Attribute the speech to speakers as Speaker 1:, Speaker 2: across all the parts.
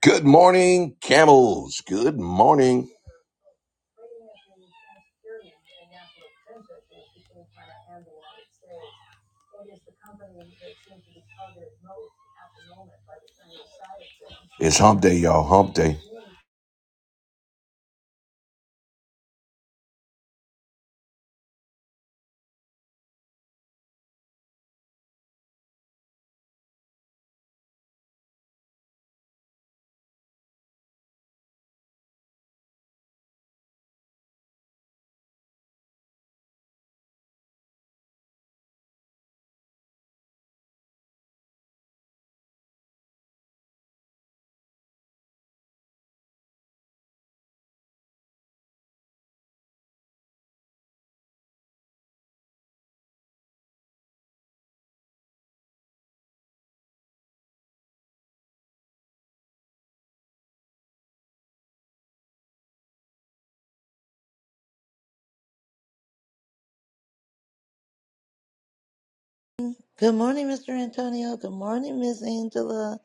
Speaker 1: Good morning, camels. Good morning. It's hump day, y'all. Hump day.
Speaker 2: Good morning, Mr. Antonio. Good morning, Miss Angela,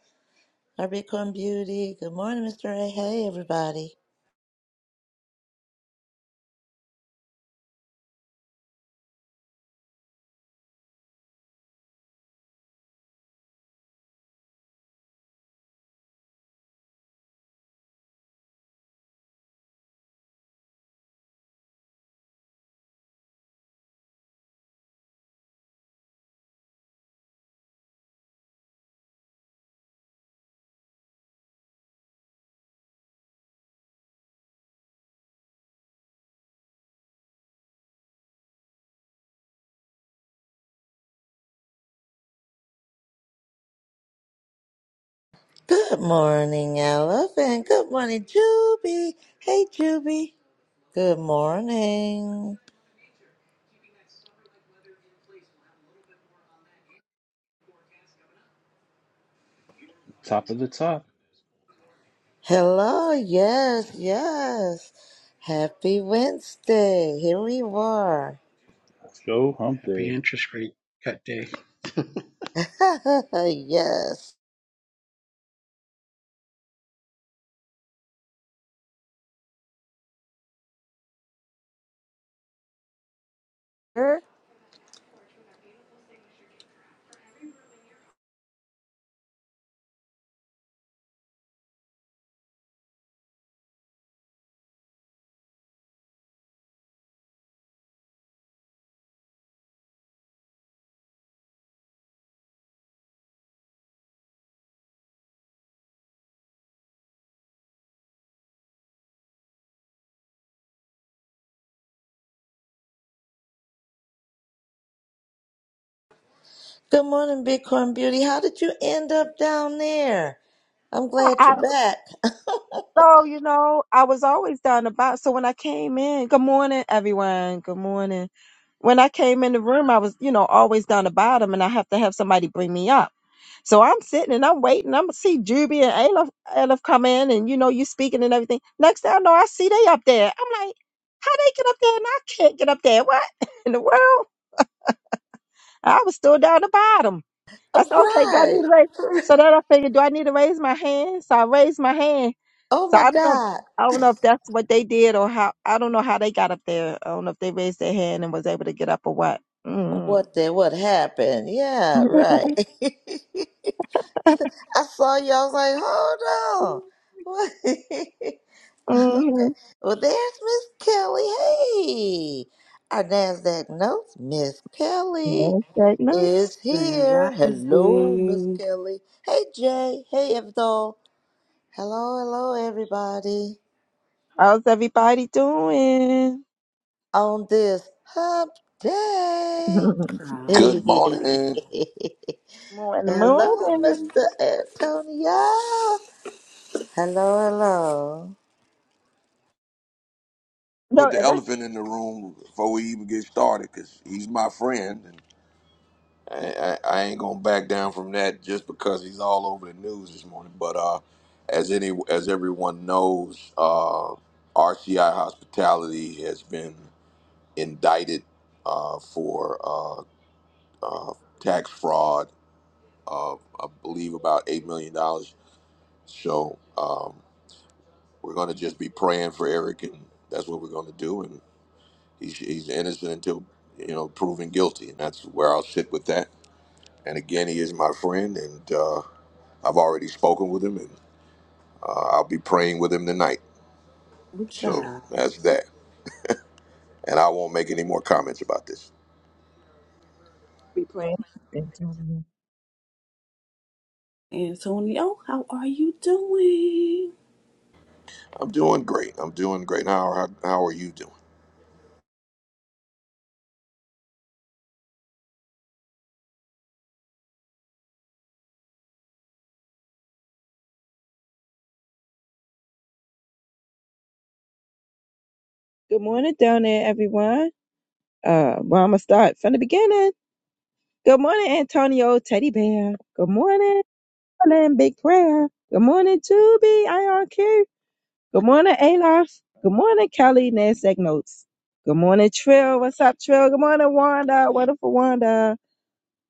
Speaker 2: our Bitcoin beauty. Good morning, Mr. A. Hey, everybody. Good morning, Elephant. Good morning, Juby. Hey, Juby. Good morning.
Speaker 3: Top of the top.
Speaker 2: Hello. Yes, yes. Happy Wednesday. Here we are.
Speaker 3: Let's go hump
Speaker 4: Happy
Speaker 3: day.
Speaker 4: interest rate cut day. Is
Speaker 2: yes. Sir. Good morning, Bitcoin beauty. How did you end up down there? I'm glad
Speaker 5: I,
Speaker 2: you're back.
Speaker 5: so you know, I was always down the box. So when I came in, good morning, everyone. Good morning. When I came in the room, I was, you know, always down the bottom, and I have to have somebody bring me up. So I'm sitting and I'm waiting. I'm see Juby and Aleph, Aleph come in, and you know, you speaking and everything. Next thing I know, I see they up there. I'm like, how they get up there and I can't get up there? What in the world? I was still down the bottom. I said, okay, do I need
Speaker 2: Oh,
Speaker 5: to raise?
Speaker 2: Right.
Speaker 5: So then I figured, do I need to raise my hand? So I raised my hand.
Speaker 2: Oh
Speaker 5: So
Speaker 2: my
Speaker 5: I don't know. If,
Speaker 2: God.
Speaker 5: I don't know if that's what they did or how. I don't know how they got up there. I don't know if they raised their hand and was able to get up or what. Mm.
Speaker 2: What the what happened? Yeah, right. I saw you, I was like, hold on. What?
Speaker 5: hmm
Speaker 2: okay. Well there's Miss Kelly. Hey. Our NASDAQ notes, Miss Kelly
Speaker 5: Let's take notes.
Speaker 2: is
Speaker 6: Grand
Speaker 2: here. Hello, Miss
Speaker 6: Rising
Speaker 2: Kelly. Hey Jay. Hey Evdol. Hello, hello everybody.
Speaker 5: How's everybody doing?
Speaker 2: On this hump day.
Speaker 6: from
Speaker 1: Good
Speaker 2: Hello,
Speaker 1: morning.
Speaker 5: morning, morning.
Speaker 2: Mr. Antonio. Hello, hello.
Speaker 5: No,
Speaker 1: Put the
Speaker 5: and that's
Speaker 1: elephant in the room before we even get started because he's my friend. And I, I, I ain't going to back down from that just because he's all over the news this morning. But uh, as any as everyone knows, uh, RCI Hospitality has been indicted uh, for uh, uh, tax fraud of, I believe, about $8 million. dollars. So. Um, We're going to just be praying for Eric, and that's what we're going to do. And he's, he's innocent until you know proven guilty, and that's where I'll sit with that. And again, he is my friend, and uh, I've already spoken with him, and uh, I'll be praying with him tonight. So
Speaker 6: Ucha.
Speaker 1: that's that. And I won't make any more comments about this.
Speaker 5: be praying. Good
Speaker 6: Antonio, how are you doing?
Speaker 1: I'm doing great. I'm doing great. How how, how are you doing?
Speaker 5: morning down there, everyone. Uh, well, I'm gonna start from the beginning. Good morning, Antonio Teddy Bear. Good morning, Berlin Big Prayer. Good morning, Juby IRQ. Good morning, Alof. Good morning, Kelly Nasdaq Notes. Good morning, Trill. What's up, Trill? Good morning, Wanda. Wonderful Wanda.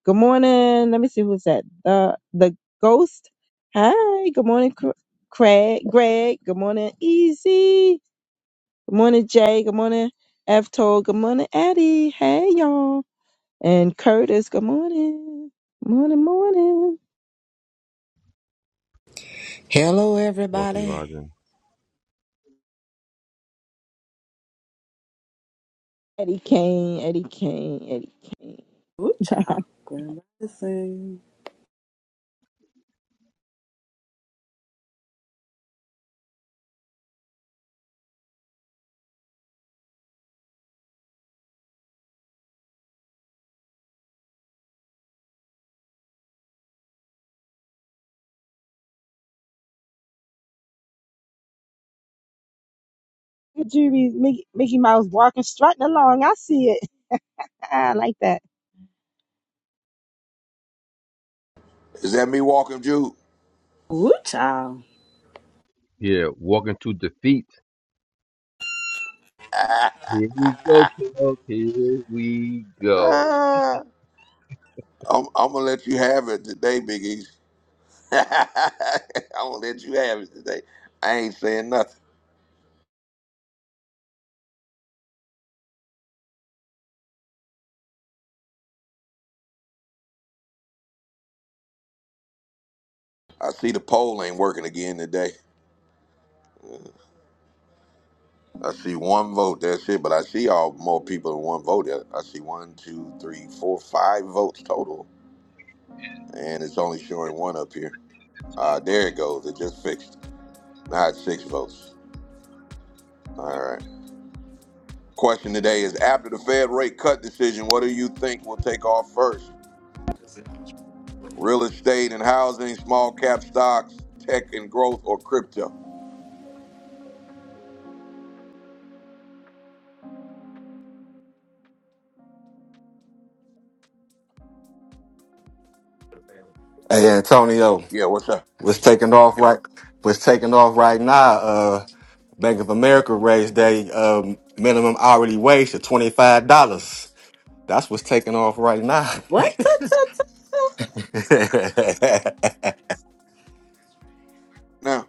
Speaker 5: Good morning. Let me see who's that. The the ghost. Hi. Good morning, Cr- Craig. Greg. Good morning, Easy. Good morning, Jay. Good morning, F Toll. Good morning, Eddie. Hey, y'all. And Curtis, good morning. Morning, morning.
Speaker 7: Hello,
Speaker 8: Wealthy
Speaker 7: everybody.
Speaker 8: Rising.
Speaker 5: Eddie Kane, Eddie Kane, Eddie Kane.
Speaker 6: Ucha. Grand Rising.
Speaker 5: Good Jury's Mickey, Mickey Mouse walking, strutting along. I see it. I like that.
Speaker 1: Is that me walking, Jude?
Speaker 6: Ucha.
Speaker 8: Yeah, walking to defeat. Here we go, kiddo. Here we go.
Speaker 1: Ah, I'm, I'm gonna let you have it today, Big East. I'm gonna let you have it today. I ain't saying nothing. I see the poll ain't working again today. I see one vote. That's it. But I see all more people than one vote. I see one, two, three, four, five votes total, and it's only showing one up here. Uh, there it goes. It just fixed. it. Now it's six votes. All right. Question today is: After the Fed rate cut decision, what do you think will take off first? Real estate and housing, small cap stocks, tech and growth, or crypto?
Speaker 9: Hey Antonio,
Speaker 1: Yeah. What's up?
Speaker 9: was taking off right was taking off right now. Uh, Bank of America raised their um, minimum hourly wage to twenty five dollars. That's what's taking off right now.
Speaker 6: What? Ta, ta, ta, ta.
Speaker 1: Now,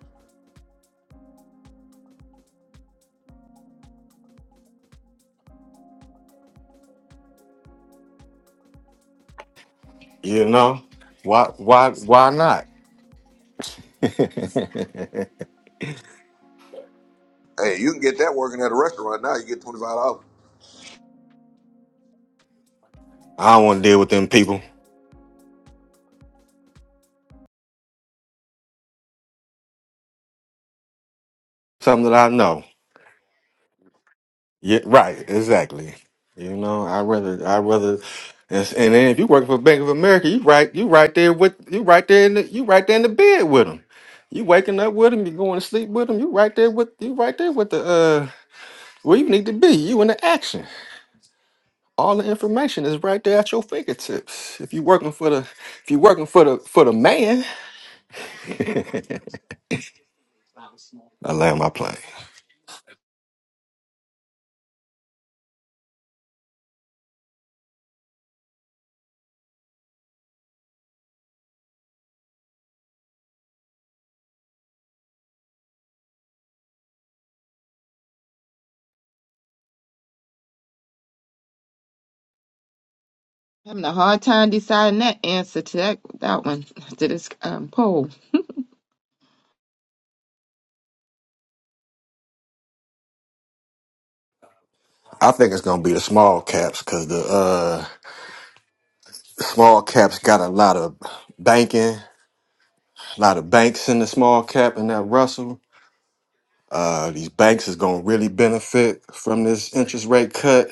Speaker 9: you know why? Why? Why not? I
Speaker 1: hey, you can get that working at a restaurant now. You get twenty five dollars.
Speaker 9: don't want to deal with them people. Something that I know. Yeah, right. Exactly. You know, I rather, I rather, and, s- and then if you work for Bank of America, you right, you right there with, you right there in the, you right there in the bed with them. You waking up with them, you going to sleep with them. You right there with, you right there with the, uh, where you need to be. You in the action. All the information is right there at your fingertips. If you working for the, if you working for the, for the man, I land my plane.
Speaker 5: Having a hard time deciding that answer to that that one to this um, poll.
Speaker 9: I think it's gonna be the small caps because the uh, small caps got a lot of banking. A lot of banks in the small cap and that Russell. Uh, these banks is gonna really benefit from this interest rate cut.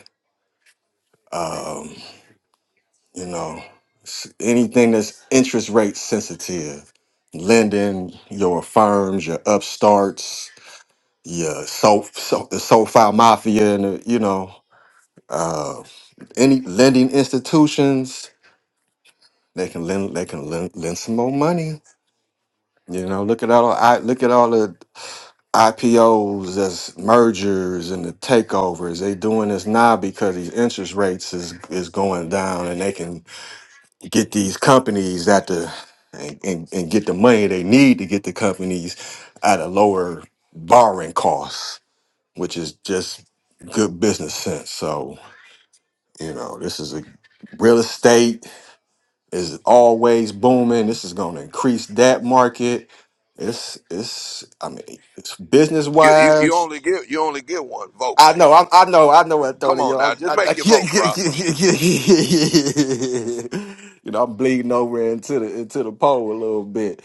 Speaker 9: You know, s- anything that's interest rate sensitive, lending your firms, your upstarts, your so so the SoFi mafia, and the, you know, uh, any lending institutions they can lend they can lend, lend some more money. You know, look at all I look at all the IPOs as mergers and the takeovers. They doing this now because these interest rates is is going down and they can get these companies at the and, and, and get the money they need to get the companies at a lower borrowing cost, which is just good business sense. So, you know, this is a real estate is always booming. This is gonna increase that market. It's it's I mean it's business
Speaker 1: You, you, you
Speaker 9: wise.
Speaker 1: only get you only get one vote,
Speaker 9: I
Speaker 1: man.
Speaker 9: know, I, I know, I know,
Speaker 1: Come on
Speaker 9: Antonio. I,
Speaker 1: now, just
Speaker 9: I, I,
Speaker 1: make your vote, bro.
Speaker 9: you know, I'm bleeding over into the into the pole a little bit,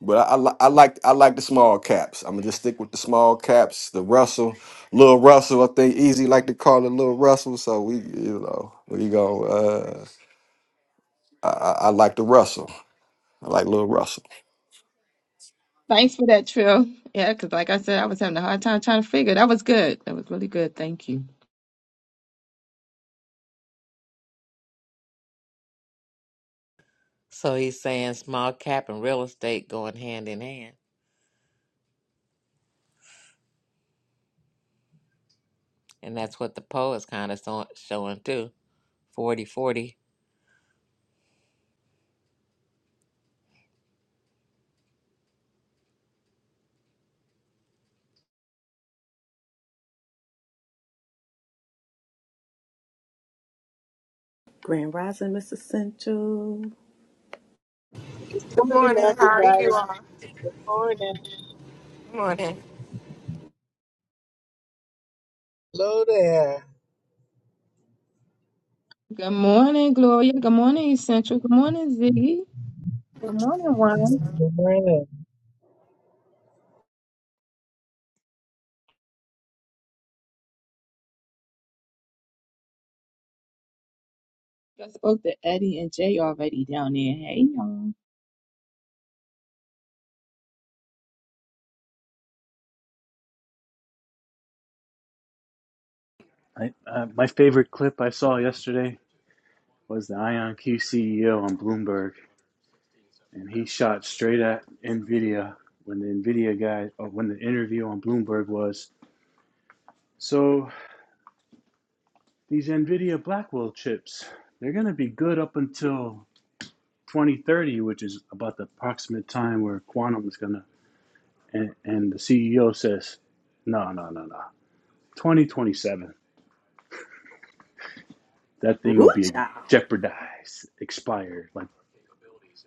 Speaker 9: but I, I, li- I like I like the small caps. I'm gonna just stick with the small caps. The Russell, little Russell, I think Easy like to call it little Russell. So we, you know, we go. Uh, I, I I like the Russell. I like little Russell.
Speaker 5: Thanks for that, Trill. Yeah, because like I said, I was having a hard time trying to figure. That was good. That was really good. Thank you.
Speaker 7: So he's saying small cap and real estate going hand in hand. And that's what the poll is kind of so- showing too Forty, forty.
Speaker 6: Grand Rising, Miss Essential.
Speaker 10: Good
Speaker 11: Good
Speaker 10: morning,
Speaker 11: morning. How are you
Speaker 10: everybody.
Speaker 11: all?
Speaker 10: Good morning.
Speaker 11: Good morning.
Speaker 10: Hello there.
Speaker 5: Good morning, Gloria. Good morning, Essential. Good morning, Ziggy. Good morning, Juan.
Speaker 10: Good morning.
Speaker 5: I spoke to Eddie and Jay already down there. Hey, y'all.
Speaker 3: I, uh, my favorite clip I saw yesterday was the IonQ CEO on Bloomberg, and he shot straight at Nvidia when the Nvidia guy, or when the interview on Bloomberg was. So these Nvidia Blackwell chips, they're going to be good up until 2030, which is about the approximate time where quantum is going to. And, and the CEO says, no, no, no, no. 2027, that thing will be
Speaker 6: Ucha.
Speaker 3: jeopardized, expired. like.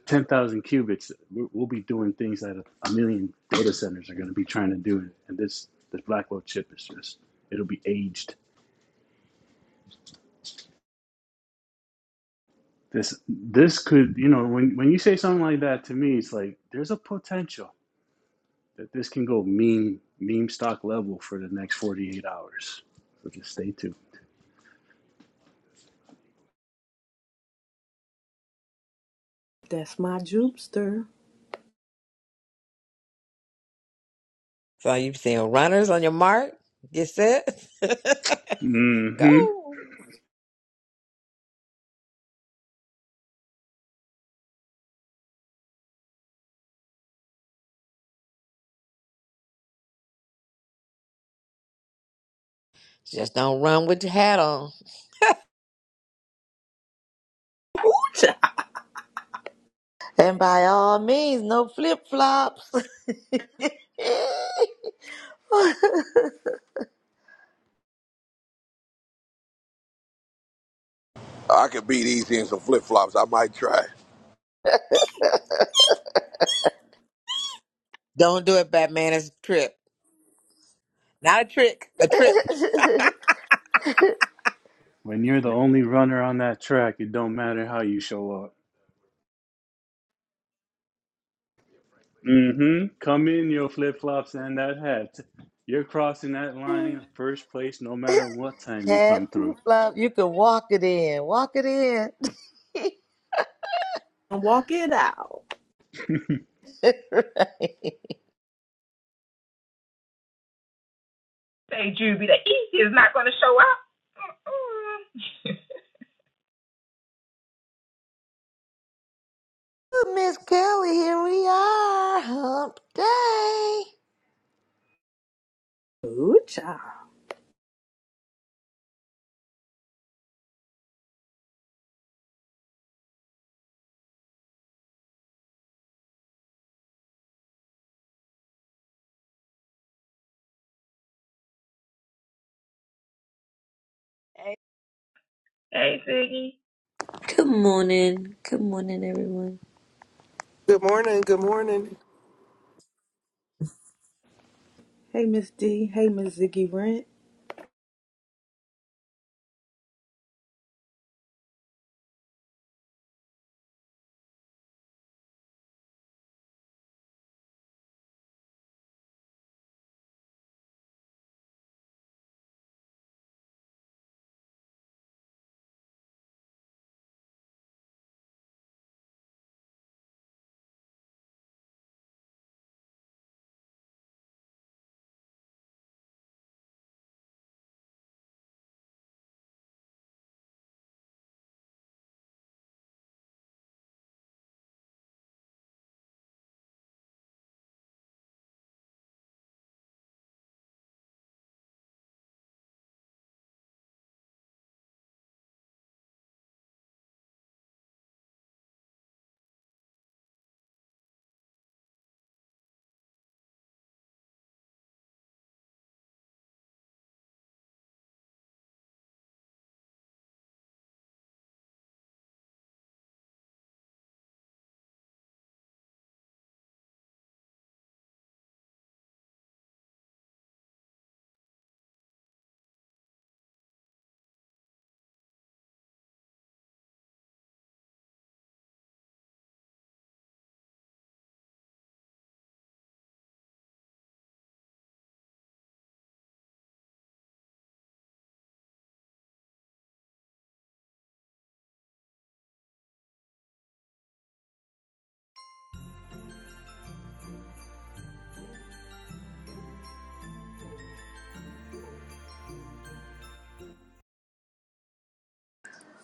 Speaker 3: ten thousand qubits, we'll be doing things that a million data centers are going to be trying to do, and this this Blackwell chip is just it'll be aged. This this could you know when when you say something like that to me, it's like there's a potential that this can go meme meme stock level for the next forty eight hours. So just stay tuned.
Speaker 6: That's my jupster.
Speaker 7: So you seeing runners on your mark? Get set.
Speaker 3: hmm
Speaker 7: Go. Just don't run with your hat on.
Speaker 6: Ucha.
Speaker 2: And by all means, no flip flops.
Speaker 1: I could beat easy in some flip flops. I might try.
Speaker 7: Don't do it, Batman. It's a trip. Not a trick, a trip.
Speaker 3: When you're the only runner on that track, it don't matter how you show up. Mm-hmm. Come in your flip flops and that hat. You're crossing that line first place no matter what time you come
Speaker 2: Hat flip
Speaker 3: through.
Speaker 2: flop, you can walk it in. Walk it in.
Speaker 6: Walk it out.
Speaker 2: right.
Speaker 5: Say, Juby, the East is not going to show up. Mm.
Speaker 2: Well, Miss Kelly, here we are. Hump day.
Speaker 6: Ucha.
Speaker 5: Hey, Hey, Siggy.
Speaker 12: Good morning. Good morning, everyone.
Speaker 13: Good morning. Good morning.
Speaker 6: Hey, Miss D. Hey, Miss Ziggy Rent.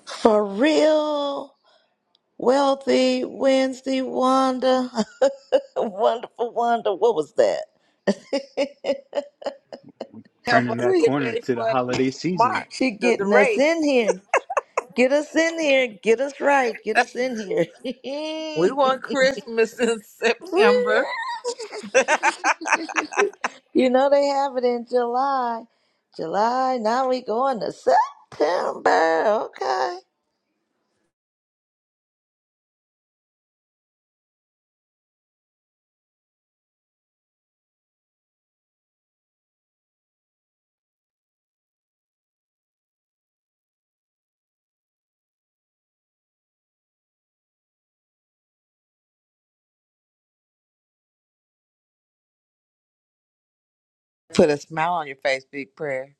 Speaker 2: For real. Wealthy Wednesday Wanda. Wonderful Wanda. What was that?
Speaker 7: Help
Speaker 3: Turning
Speaker 7: us
Speaker 3: that
Speaker 7: get
Speaker 3: corner
Speaker 7: ready
Speaker 3: to the
Speaker 7: for the
Speaker 3: holiday season.
Speaker 7: mark,
Speaker 2: She
Speaker 7: the, the
Speaker 2: getting us
Speaker 7: race.
Speaker 2: in here. Get us in here. Get us right. Get us in here.
Speaker 7: We want Christmas in September.
Speaker 2: you know they have it in July. July. Now we going to September. Okay.
Speaker 7: Put a smile on your face, big prayer.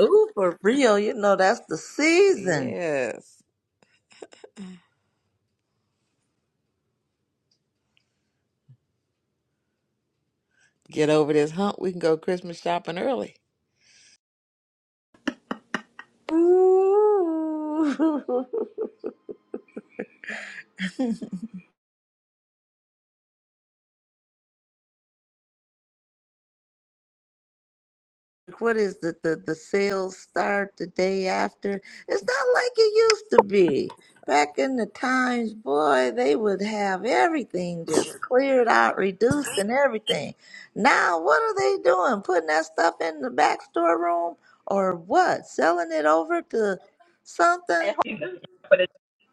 Speaker 2: Ooh, for real. You know that's the season.
Speaker 7: Yes. Get over this hump. We can go Christmas shopping early.
Speaker 2: Ooh. Like, what is the, the the sales start the day after it's not like it used to be back in the times boy they would have everything just cleared out reduced and everything now what are they doing putting that stuff in the back storeroom or what selling it over to something
Speaker 5: For the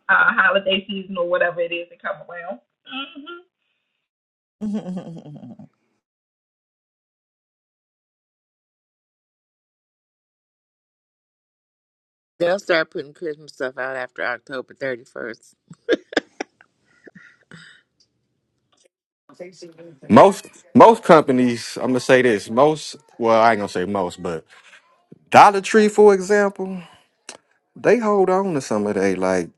Speaker 5: uh, holidays or whatever it is that come around.
Speaker 7: They'll start putting Christmas stuff out after October 31st.
Speaker 9: Most most companies, I'm gonna say this. Most, well, I ain't gonna say most, but Dollar Tree, for example. they hold on to some of they like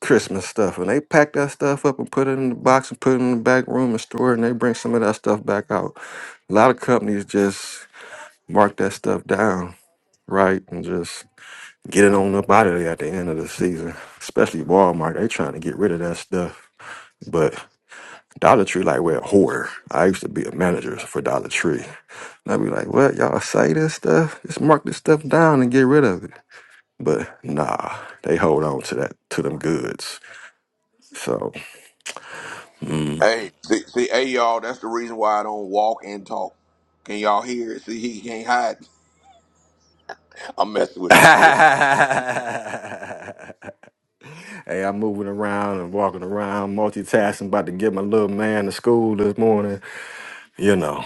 Speaker 9: Christmas stuff and they pack that stuff up and put it in the box and put it in the back room and store it and they bring some of that stuff back out. A lot of companies just mark that stuff down, right? And just get it on up out of there at the end of the season. Especially Walmart, they trying to get rid of that stuff. But Dollar Tree, like we're a hoarder. I used to be a manager for Dollar Tree. And I'd be like, what, y'all say this stuff? Just mark this stuff down and get rid of it. But nah, they hold on to that to them goods. So
Speaker 1: Hey, see, see, hey, y'all. That's the reason why I don't walk and talk. Can y'all hear it? See, he can't hide. I'm messing with
Speaker 9: hey,
Speaker 1: you, Chris.
Speaker 9: I'm moving around and walking around, multitasking, about to get my little man to school this morning. You know.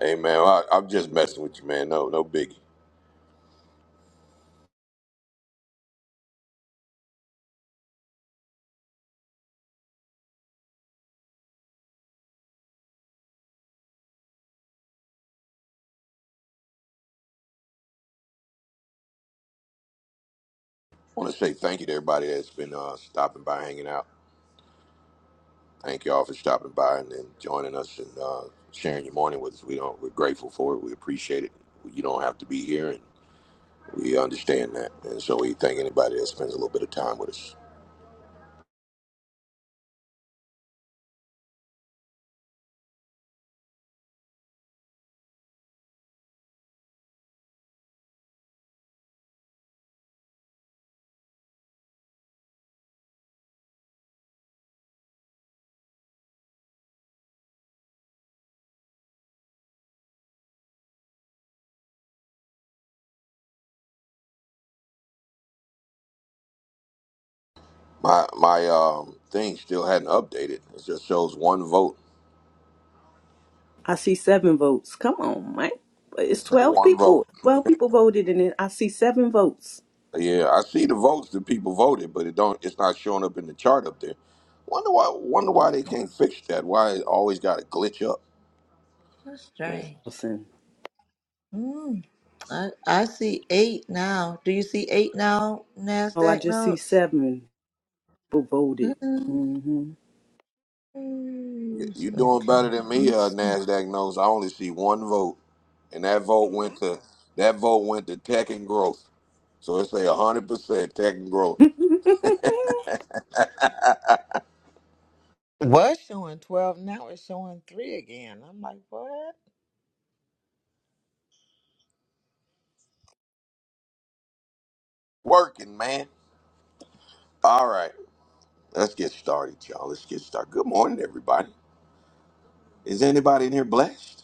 Speaker 1: Hey, man, I, I'm just messing with you, man. No, no biggie. I want to say thank you to everybody that's been uh, stopping by, hanging out. Thank y'all for stopping by and, and joining us and uh, sharing your morning with us. We don't. We're grateful for it. We appreciate it. You don't have to be here, and We understand that, and so we thank anybody that spends a little bit of time with us. My my um thing still hadn't updated. It just shows one vote.
Speaker 6: I see seven votes. Come on, man. It's
Speaker 1: It's like
Speaker 6: 12
Speaker 1: one vote.
Speaker 6: people. 12 people voted, and then I see seven votes.
Speaker 1: Yeah, I see the votes that people voted, but it don't. It's not showing up in the chart up there. Wonder why? Wonder why they can't fix that? Why it always got to glitch up?
Speaker 2: that's
Speaker 1: Man,
Speaker 2: strange mm. I, I see eight now do you see eight now
Speaker 6: Oh, I
Speaker 2: nasdaq
Speaker 6: just see
Speaker 2: notes
Speaker 6: seven people voted.
Speaker 2: Mm-hmm.
Speaker 6: hmm
Speaker 1: you
Speaker 2: Yes,
Speaker 1: you doing
Speaker 2: Okay.
Speaker 1: better than me, uh,
Speaker 2: Let's-
Speaker 1: Nasdaq knows. I only see one vote, and that vote went to that vote went to tech and growth. So it's a hundred percent tech and growth
Speaker 7: Was showing 12, now it's showing 3 again. I'm like, what?
Speaker 1: working, man. All right. Let's get started, y'all. Let's get started. Good morning, everybody. Is anybody in here blessed?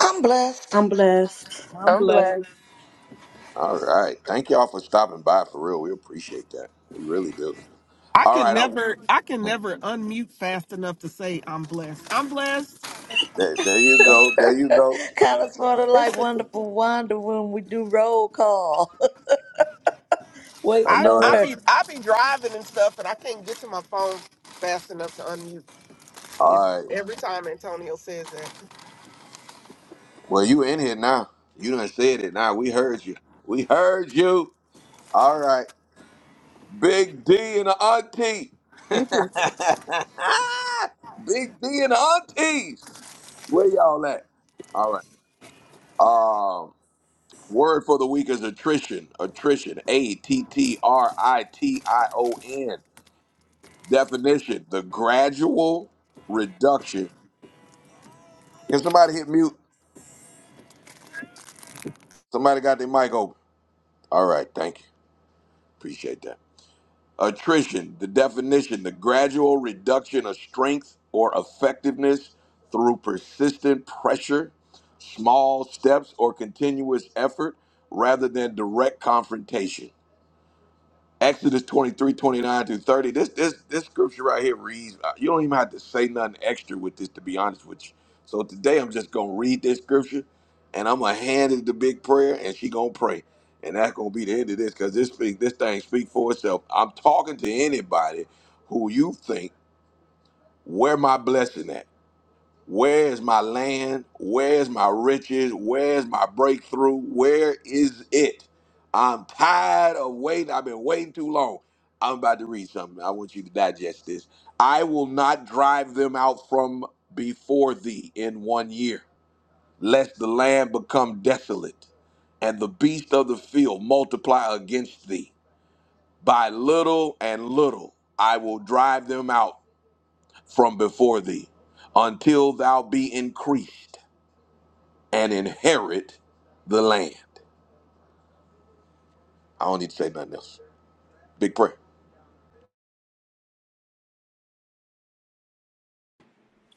Speaker 2: I'm blessed.
Speaker 6: I'm blessed.
Speaker 10: I'm
Speaker 11: I'm
Speaker 10: blessed.
Speaker 11: blessed.
Speaker 1: All right. Thank y'all for stopping by for real. We appreciate that. We really do.
Speaker 13: I
Speaker 1: All
Speaker 13: can
Speaker 1: right. I,
Speaker 13: never, I can never unmute fast enough to say I'm blessed. I'm blessed.
Speaker 1: there, there you go. There you go.
Speaker 2: kind of sort of like
Speaker 11: Listen,
Speaker 2: Wonderful Wonder when we do roll call. Wait,
Speaker 1: I
Speaker 13: I
Speaker 1: know
Speaker 13: I
Speaker 1: that.
Speaker 2: no.
Speaker 13: be I be driving and stuff, and I can't get to my phone fast enough to unmute. If
Speaker 1: All right.
Speaker 13: every time Antonio says that,
Speaker 1: Well, you in here now. You done said it now. We heard you. We heard you. All right. Big D and the auntie.
Speaker 11: you
Speaker 1: Big
Speaker 11: too.
Speaker 1: D and the aunties. Where y'all at? All right. Um, Word for the week is attrition. Attrition. A T T R I T I O N. Definition: the gradual reduction. Can somebody hit mute? Somebody got their mic open. All right, thank you. Appreciate that. Attrition. The definition: the gradual reduction of strength or effectiveness through persistent pressure, small steps, or continuous effort, rather than direct confrontation. Exodus twenty three twenty nine 29 through 30. This this this scripture right here reads, uh, you don't even have to say nothing extra with this to be honest with you. So today I'm just gonna read this scripture and I'm gonna hand it to big prayer and she gonna pray. And that's gonna be the end of this because this speak this thing speak for itself. I'm talking to anybody who you think, where my blessing at? Where is my land? Where is my riches? Where is my breakthrough? Where is it? I'm tired of waiting. I've been waiting too long. I'm about to read something. I want you to digest this. I will not drive them out from before thee in one year, lest the land become desolate and the beast of the field multiply against thee. By little and little I will drive them out from before thee until thou be increased and inherit the land. I don't need to say nothing else. Big prayer.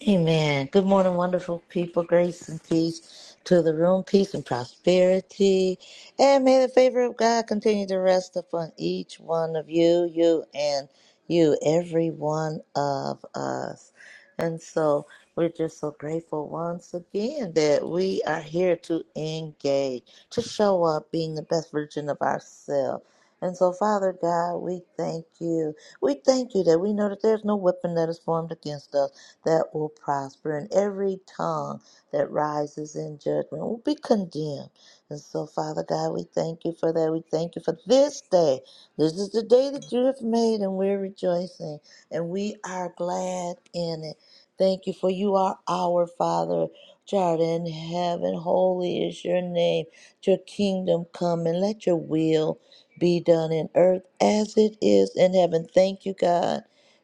Speaker 2: Amen. Good morning, wonderful people. Grace and peace to the room, peace and prosperity. And may the favor of God continue to rest upon each one of you, you and you, every one of us. And so we're just so grateful once again that we are here to engage, to show up being the best version of ourselves. And so, Father God, we thank you. We thank you that we know that there's no weapon that is formed against us that will prosper, and every tongue that rises in judgment will be condemned. And so, Father God, we thank you for that. We thank you for this day. This is the day that you have made, and we're rejoicing, and we are glad in it. Thank you for you are our Father, which art in heaven. Holy is your name. Your kingdom come, and let your will be done in earth as it is in heaven. Thank you, God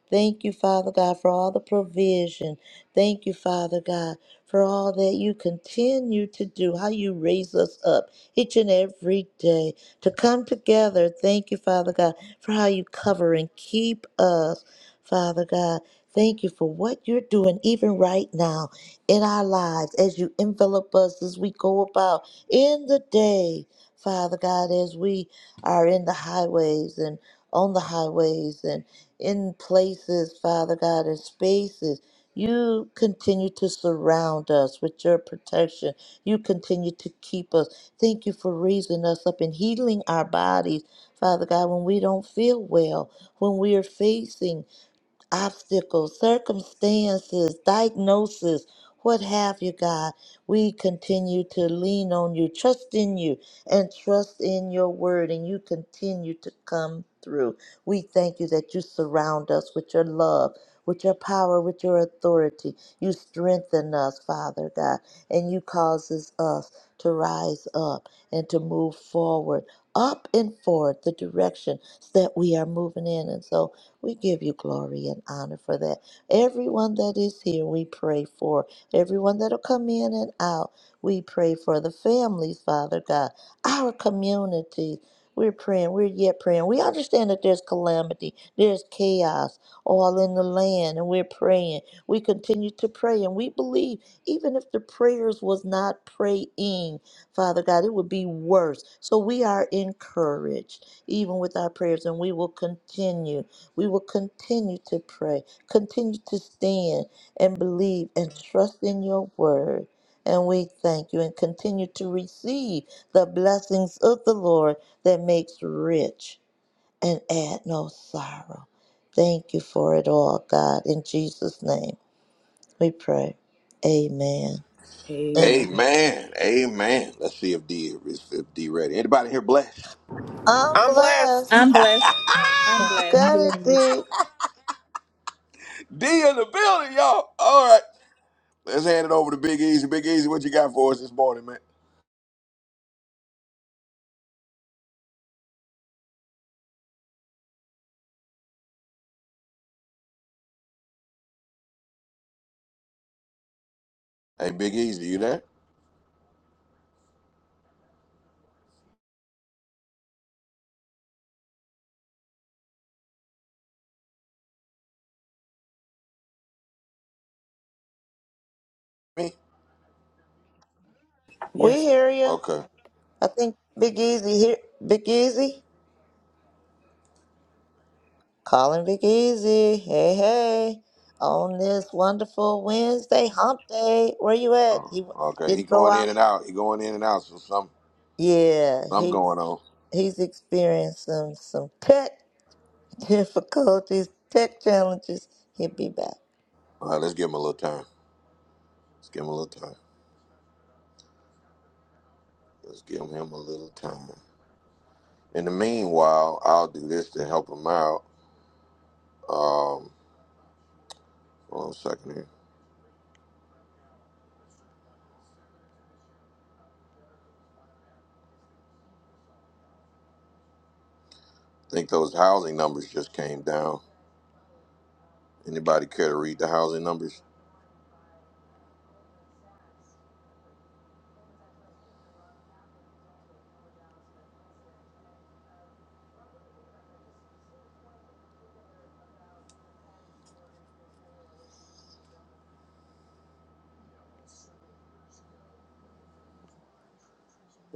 Speaker 2: Thank you, Father God, for all the provision. Thank you, Father God, for all that you continue to do, how you raise us up each and every day to come together. Thank you, Father God, for how you cover and keep us, Father God. Thank you for what you're doing, even right now in our lives, as you envelop us as we go about in the day, Father God, as we are in the highways and on the highways and in places, Father God, in spaces. You continue to surround us with your protection. You continue to keep us. Thank you for raising us up and healing our bodies, Father God, when we don't feel well, when we are facing obstacles, circumstances, diagnosis, what have you, God. We continue to lean on you, trust in you, and trust in your word, and you continue to come through. We thank you that you surround us with your love, with your power, with your authority. You strengthen us, Father God, and you causes us to rise up and to move forward, up and forward, the direction that we are moving in. And so, we give you glory and honor for that. Everyone that is here, we pray for. Everyone that'll come in and out, we pray for the families, Father God, our community. We're praying. We're yet praying. We understand that there's calamity, there's chaos all in the land, and we're praying. We continue to pray, and we believe even if the prayers was not praying, Father God, it would be worse. So we are encouraged even with our prayers, and we will continue. We will continue to pray, continue to stand and believe and trust in your word. And we thank you and continue to receive the blessings of the Lord that makes rich and add no sorrow. Thank you for it all, God. In Jesus' name we pray. Amen. Amen.
Speaker 6: Amen.
Speaker 1: Amen. Amen. Let's see if D is if D ready. Anybody here blessed?
Speaker 2: I'm
Speaker 13: I'm
Speaker 2: blessed.
Speaker 13: blessed.
Speaker 14: I'm blessed. I'm
Speaker 2: You
Speaker 14: blessed.
Speaker 10: You
Speaker 2: got it,
Speaker 10: blessed.
Speaker 2: D.
Speaker 1: D in the building, y'all. All right. Let's hand it over to Big Easy. Big Easy, what you got for us this morning, man? Hey, Big Easy, you there? Me?
Speaker 2: We
Speaker 6: Yes.
Speaker 2: hear you.
Speaker 1: Okay.
Speaker 2: I think Big Easy here. Big Easy. Calling Vic Easy. Hey, hey. On this wonderful Wednesday, hump day. Where you at?
Speaker 1: Oh,
Speaker 2: He
Speaker 1: okay.
Speaker 2: did
Speaker 1: He
Speaker 2: he go
Speaker 1: going
Speaker 2: out?
Speaker 1: in and out. He going in and out. So some
Speaker 2: Yeah,
Speaker 1: something
Speaker 2: he's
Speaker 1: going on.
Speaker 2: he's experiencing some tech difficulties, tech challenges. He'll be back.
Speaker 1: All right, let's give him a little time. Let's give him a little time. Let's give him a little time. In the meanwhile, I'll do this to help him out. Hold on a second here. I think those housing numbers just came down. Anybody care to read the housing numbers?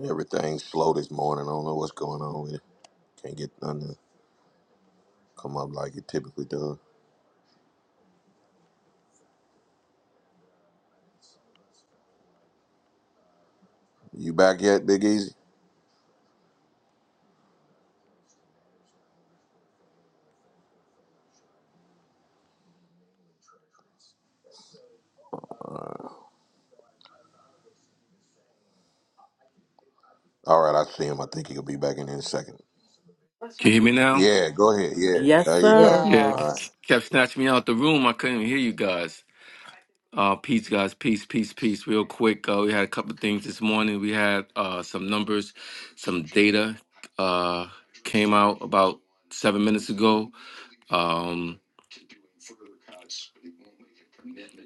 Speaker 1: Everything's slow this morning. I don't know what's going on with it. Can't get nothing to come up like it typically does. You back yet, Big Easy? All right, I see him. I think he'll be back in here in a second.
Speaker 8: Can you hear me now?
Speaker 1: Yeah, go ahead. Yeah,
Speaker 6: Yes,
Speaker 1: there you go.
Speaker 6: sir.
Speaker 8: Yeah, c-
Speaker 1: All right.
Speaker 8: c-
Speaker 2: Yes.
Speaker 8: kept snatching me out the room. I couldn't hear you guys. Uh, peace, guys. Peace, peace, peace. Real quick, uh, we had a couple of things this morning. We had uh, some numbers, some data uh, came out about seven minutes ago. Um,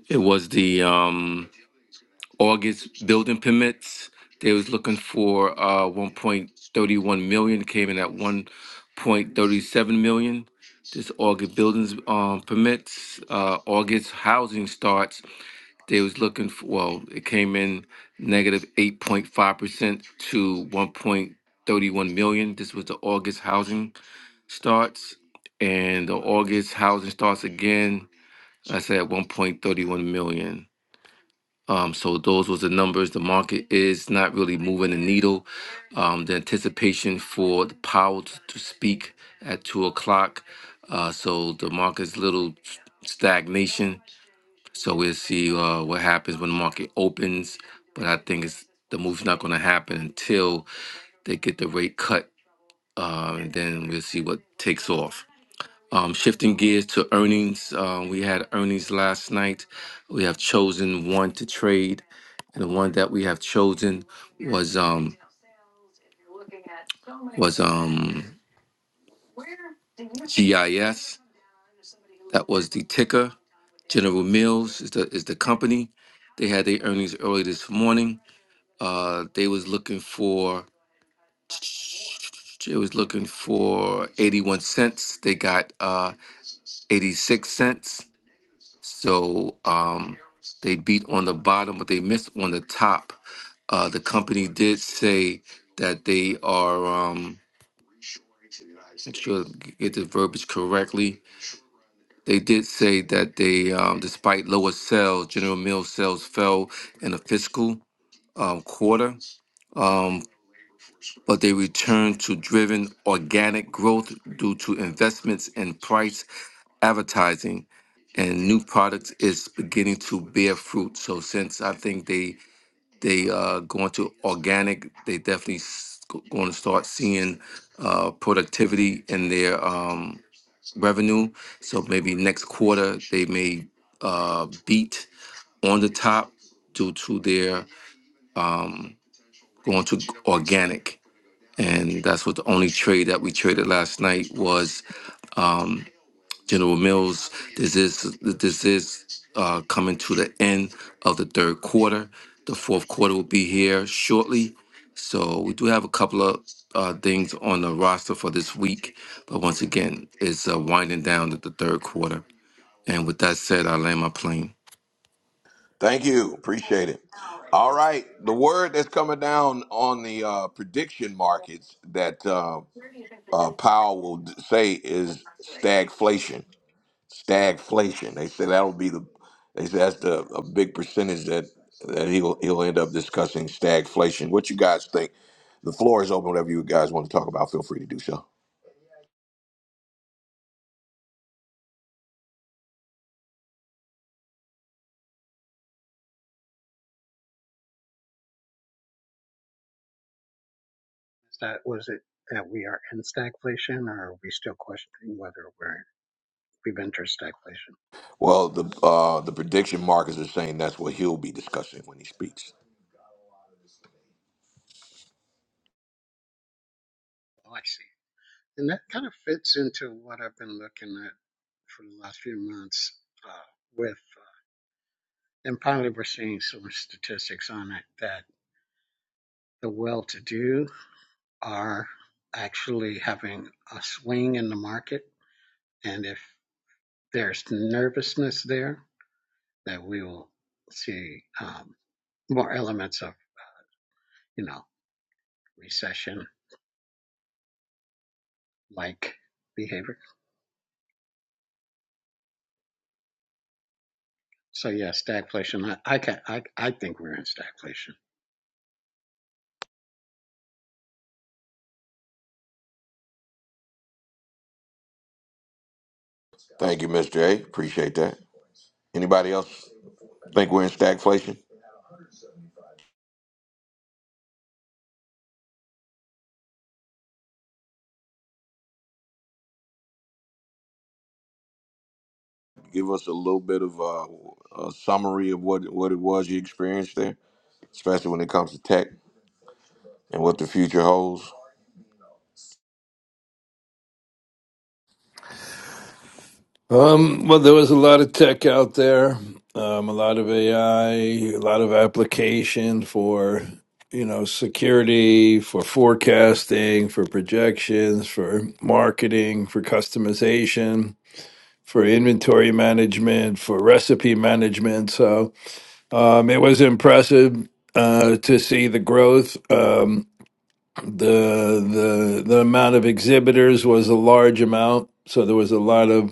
Speaker 8: it was the um, August building permits. They was looking for uh one point thirty one million, came in at one point thirty seven million. This August buildings um permits, uh August housing starts, they was looking for well, it came in negative eight point five percent to one point thirty one million. This was the August housing starts and the August housing starts again, I said one point thirty one million. Um, so those was the numbers. The market is not really moving the needle. Um, the anticipation for the Powell t- to speak at two o'clock. Uh, so the market's little stagnation. So we'll see uh, what happens when the market opens. But I think it's the move's not going to happen until they get the rate cut, uh, and then we'll see what takes off. Um, shifting gears to earnings, uh, we had earnings last night. We have chosen one to trade. The one that we have chosen was um was um GIS. That was the ticker. General Mills is the is the company. They had their earnings early this morning. Uh, they was looking for it was looking for 81 cents. They got uh 86 cents. So um, they beat on the bottom, but they missed on the top. Uh, the company did say that they are. Um, make sure to get the verbiage correctly. They did say that they, um, despite lower sales, General Mills sales fell in the fiscal um, quarter, um, but they returned to driven organic growth due to investments in price. advertising and new products is beginning to bear fruit. So since I think they they uh, going to organic, they definitely s- going to start seeing uh, productivity in their um, revenue. So maybe next quarter they may uh, beat on the top due to their um, going to organic. And that's what the only trade that we traded last night was. um, General Mills, this is this is uh, coming to the end of the third quarter. The fourth quarter will be here shortly. So we do have a couple of uh, things on the roster for this week, but once again, it's uh, winding down to the third quarter. And with that said, I land my plane.
Speaker 1: Thank you. Appreciate it. All right. The word that's coming down on the uh, prediction markets that uh, uh, Powell will d- say is stagflation. stagflation. They say that'll be the. They say that's the a big percentage that that he'll he'll end up discussing stagflation. What you guys think? The floor is open. Whatever you guys want to talk about, feel free to do so.
Speaker 4: that was it that we are in stagflation, or are we still questioning whether we're we've entered stagflation?
Speaker 1: Well, the uh, the prediction markers are saying that's what he'll be discussing when he speaks.
Speaker 4: Oh, I see. And that kind of fits into what I've been looking at for the last few months uh, with, uh, and finally we're seeing some statistics on it that the well-to-do are actually having a swing in the market, and if there's nervousness there, that we will see um, more elements of you know, recession like behavior. So yeah, stagflation. I, I can I I think we're in stagflation.
Speaker 1: Thank you, Mr. A. Appreciate that. Anybody else think we're in stagflation? Give us a little bit of uh, a summary of what what it was you experienced there, especially when it comes to tech and what the future holds.
Speaker 15: Um, well, there was a lot of tech out there, um, a lot of AI, a lot of application for you know security, for forecasting, for projections, for marketing, for customization, for inventory management, for recipe management. So um, it was impressive uh, to see the growth. Um, the the the amount of exhibitors was a large amount, so there was a lot of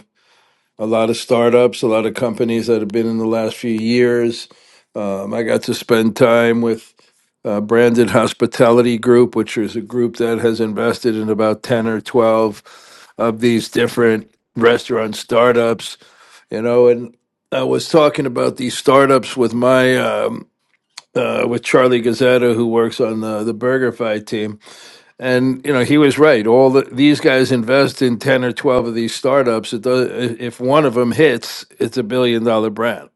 Speaker 15: a lot of startups, a lot of companies that have been in the last few years. Um, I got to spend time with uh, Branded Hospitality Group, which is a group that has invested in about 10 or 12 of these different restaurant startups, you know, and I was talking about these startups with my, um, uh, with Charlie Gazzetta, who works on the, the BurgerFi team and you know, he was right. All the, these guys invest in ten or twelve of these startups. It does, if one of them hits, it's a billion dollar brand.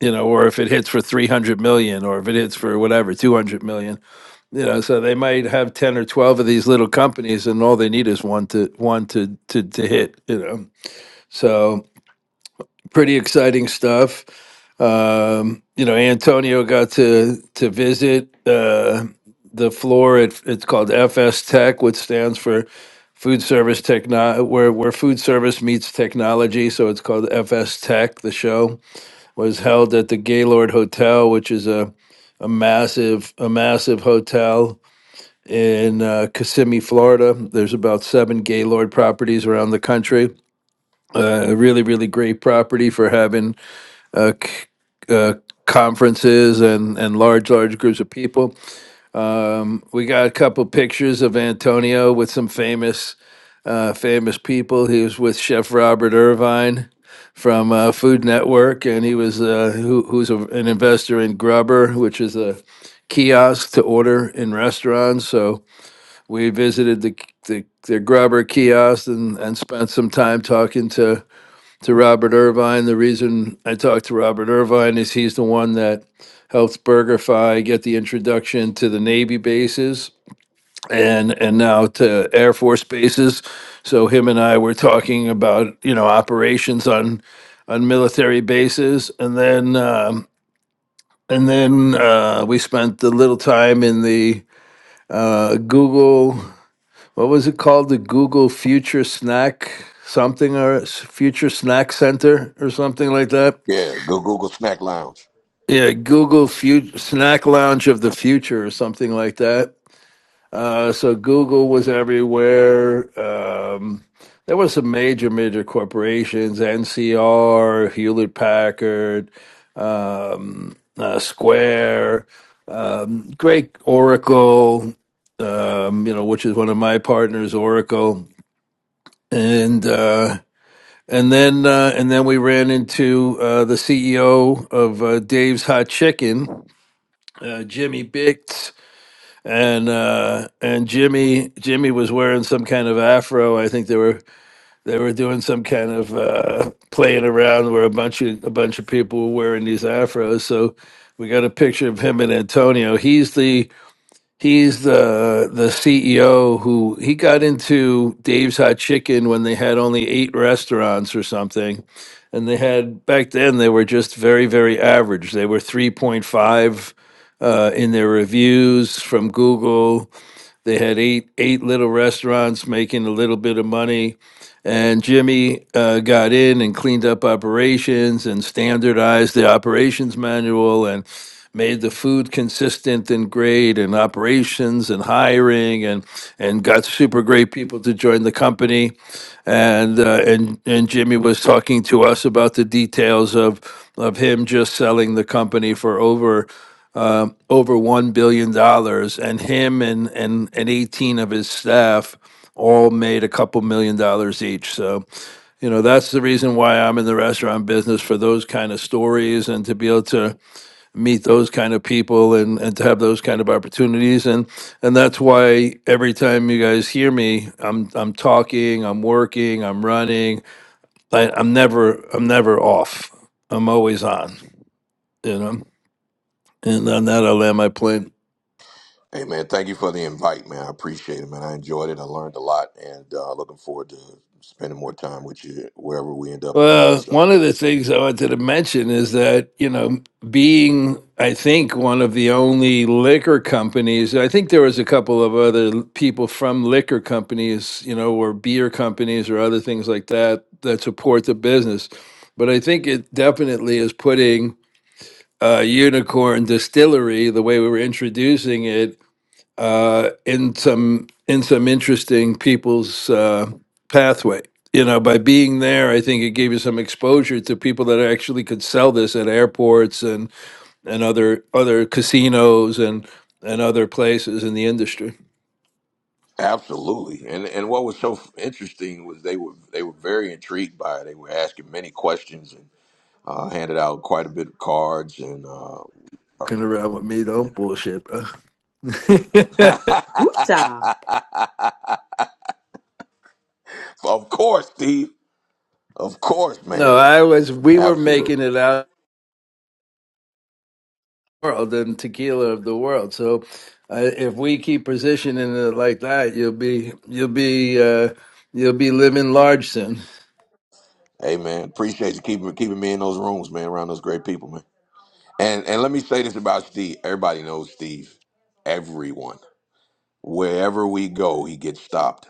Speaker 15: You know, or if it hits for three hundred million, or if it hits for whatever two hundred million. You know, so they might have ten or twelve of these little companies, and all they need is one to one to to to hit. You know, so pretty exciting stuff. Um, you know, Antonio got to to visit uh, the floor at it's called FS Tech, which stands for Food Service Techno, where where food service meets technology. So it's called FS Tech. The show was held at the Gaylord Hotel, which is a a massive a massive hotel in uh, Kissimmee, Florida. There's about seven Gaylord properties around the country. Uh, a really really great property for having uh, c- uh, conferences and, and large, large groups of people. Um, we got a couple pictures of Antonio with some famous, uh, famous people. He was with Chef Robert Irvine from uh, Food Network, and he was uh, who, who's a, an investor in Grubber, which is a kiosk to order in restaurants. So we visited the the, the Grubber kiosk and, and spent some time talking to to Robert Irvine. The reason I talked to Robert Irvine is he's the one that helps BurgerFi get the introduction to the Navy bases and and now to Air Force bases. So him and I were talking about you know operations on on military bases, and then um, and then uh, we spent a little time in the uh, Google. What was it called? The Google Future Snack something or Future Snack Center or something like that.
Speaker 1: Yeah, go Google Snack Lounge.
Speaker 15: Yeah, Google fut snack lounge of the future or something like that. Uh, so Google was everywhere. Um, there were some major, major corporations: NCR, Hewlett Packard, um, uh, Square, great Oracle. Um, you know, which is one of my partners, Oracle, and uh, and then uh, and then we ran into uh, the CEO of uh, Dave's Hot Chicken, uh, Jimmy Bix and uh and Jimmy Jimmy was wearing some kind of afro. I think they were they were doing some kind of uh playing around where a bunch of a bunch of people were wearing these afros. So we got a picture of him and Antonio. He's the he's the the CEO who he got into Dave's Hot Chicken when they had only eight restaurants or something. And they had back then they were just very, very average. They were three point five uh, in their reviews from Google they had eight eight little restaurants making a little bit of money. And Jimmy uh, got in and cleaned up operations and standardized the operations manual and made the food consistent and great and operations and hiring and and got super great people to join the company and uh, and and Jimmy was talking to us about the details of of him just selling the company for over um over one billion dollars, and him and and and eighteen of his staff all made a couple million dollars each. So, you know, that's the reason why I'm in the restaurant business for those kind of stories and to be able to meet those kind of people and, and to have those kind of opportunities. And and that's why every time you guys hear me, I'm I'm talking, I'm working, I'm running. I, I'm never I'm never off. I'm always on, you know. And on that I'll land my plane.
Speaker 1: Hey man, thank you for the invite, man. I appreciate it, man. I enjoyed it. I learned a lot, and uh, looking forward to spending more time with you wherever we end up again.
Speaker 15: Well,
Speaker 1: So,
Speaker 15: one of the things I wanted to mention is that, you know, being, I think, one of the only liquor companies, I think there was a couple of other l- people from liquor companies, you know, or beer companies or other things like that that support the business. But I think it definitely is putting uh, Unicorn Distillery, the way we were introducing it, uh, in some in some interesting people's uh, pathway. You know, by being there, I think it gave you some exposure to people that actually could sell this at airports and and other other casinos and and other places in the industry.
Speaker 1: absolutely. And and what was so interesting was they were they were very intrigued by it. They were asking many questions and uh, handed out quite a bit of cards. And uh,
Speaker 15: Fucking around with me, don't bullshit, bro.
Speaker 6: Woo-cha.
Speaker 1: of course, Steve. Of course, man.
Speaker 15: no, I was. We were
Speaker 1: Absolutely.
Speaker 15: making it out. world and tequila of the world. So uh, if we keep positioning it like that, you'll be you'll be uh, you'll be living large soon.
Speaker 1: Hey man, appreciate you keeping keeping me in those rooms, man. Around those great people, man. And and let me say this about Steve. Everybody knows Steve. Everyone. Wherever we go, he gets stopped.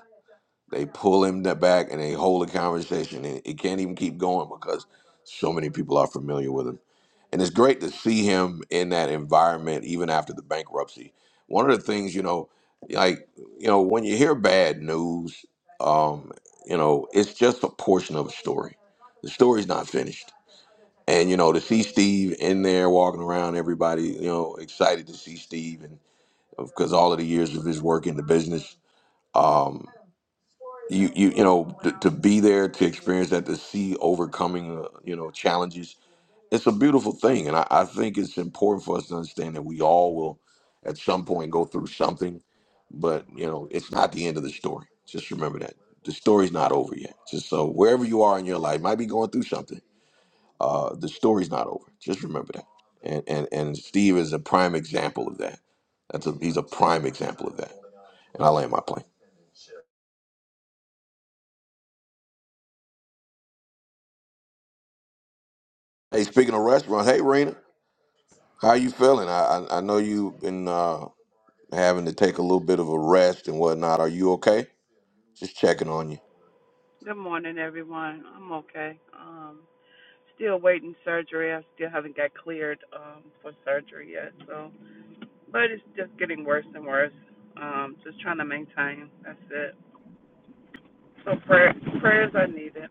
Speaker 1: They pull him the back and they hold a conversation. And it can't even keep going because so many people are familiar with him. And it's great to see him in that environment even after the bankruptcy. One of the things, you know, like, you know, when you hear bad news, um, you know, it's just a portion of a story. The story's not finished and you know to see steve in there walking around everybody you know excited to see steve and because all of the years of his work in the business um you you you know to, to be there to experience that to see overcoming uh, you know challenges it's a beautiful thing and I, I think it's important for us to understand that we all will at some point go through something but you know it's not the end of the story just remember that the story's not over yet just so wherever you are in your life might be going through something uh, the story's not over. Just remember that. And and and Steve is a prime example of that. That's a he's a prime example of that. And I land my plane. Hey, speaking of restaurants, hey Rena, how you feeling? I I, I know you've been uh, having to take a little bit of a rest and whatnot. Are you okay? Just checking on you.
Speaker 16: Good morning, everyone. I'm okay. Um, still waiting surgery. I still haven't got cleared um, for surgery yet. So, but it's just getting worse and worse. Um, just trying to maintain. That's it. So prayer, prayers are needed.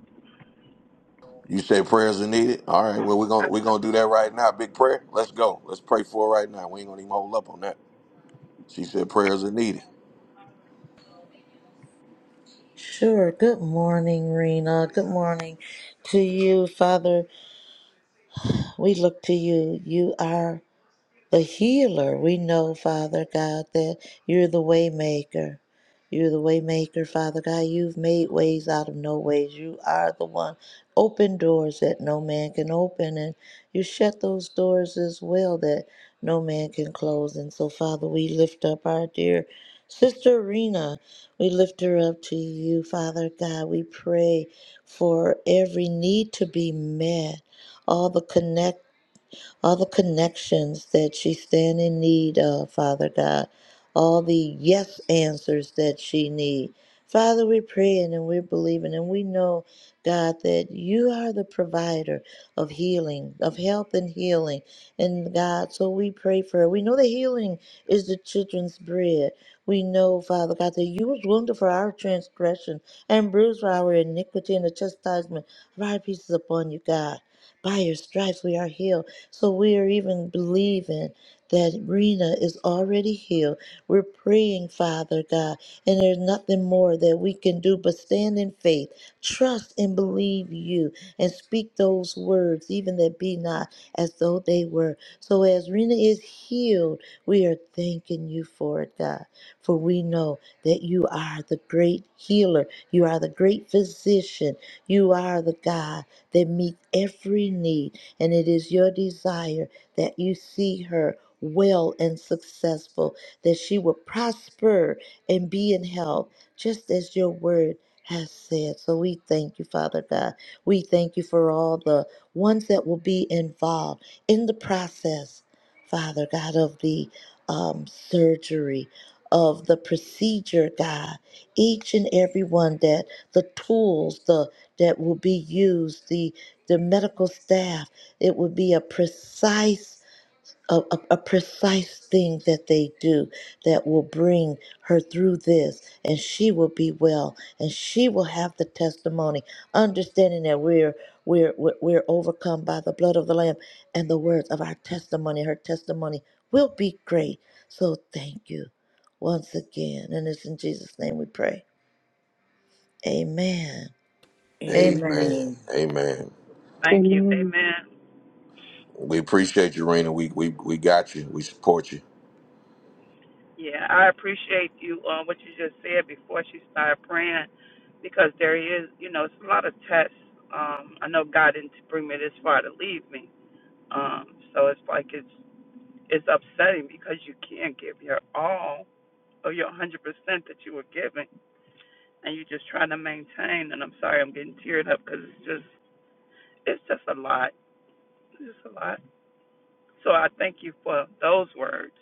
Speaker 1: You say prayers are needed. All right, well we're gonna we're gonna do
Speaker 16: Absolutely.
Speaker 1: that right now. Big prayer. Let's go. Let's pray for her right now. We ain't gonna even hold up on that. She said prayers are needed.
Speaker 2: Sure. Good morning, Rena. Good morning to you, Father. We look to you. You are a healer. We know, Father God, that you're the waymaker. You're the waymaker, Father God. You've made ways out of no ways. You are the one. Open doors that no man can open, and you shut those doors as well that no man can close. And so, Father, we lift up our dear sister Rena. We lift her up to you, Father God. We pray for every need to be met, all the connections all the connections that she stand in need of, Father God, all the yes answers that she need. Father, we're praying and we're believing and we know, God, that you are the provider of healing, of health and healing. And God, so we pray for her. We know that healing is the children's bread. We know, Father God, that you was wounded for our transgression and bruised for our iniquity and the chastisement of our pieces upon you, God. By your stripes we are healed. So we are even believing that Rena is already healed. We're praying, Father God, and there's nothing more that we can do but stand in faith, trust and believe you, and speak those words, even that be not as though they were. So as Rena is healed, we are thanking you for it, God, for we know that you are the great healer, you are the great physician, you are the God that meets every need and it is your desire that you see her well and successful, that she will prosper and be in health, just as your word has said. So we thank you, Father God. We thank you for all the ones that will be involved in the process, Father God, of the um, surgery, of the procedure, God. Each and every one that the tools, the that will be used, the the medical staff it would be a precise a, a, a precise thing that they do that will bring her through this and she will be well and she will have the testimony understanding that we're we're we're we're overcome by the blood of the lamb and the words of our testimony her testimony will be great so thank you once again and it's in Jesus name we pray amen amen
Speaker 1: Amen.
Speaker 6: Amen.
Speaker 1: Amen.
Speaker 16: Thank you.
Speaker 17: Amen.
Speaker 16: Amen.
Speaker 1: We appreciate you, Rena. We we we got you. We support you.
Speaker 16: Yeah, I appreciate you uh, what you just said before she started praying, because there is, you know, it's a lot of tests. Um, I know God didn't bring me this far to leave me. Um, so it's like it's It's upsetting because you can't give your all or your 100% that you were given, and you're just trying to maintain. And I'm sorry, I'm getting teared up because it's just, it's just a lot. It's just a lot. So I thank you for those words,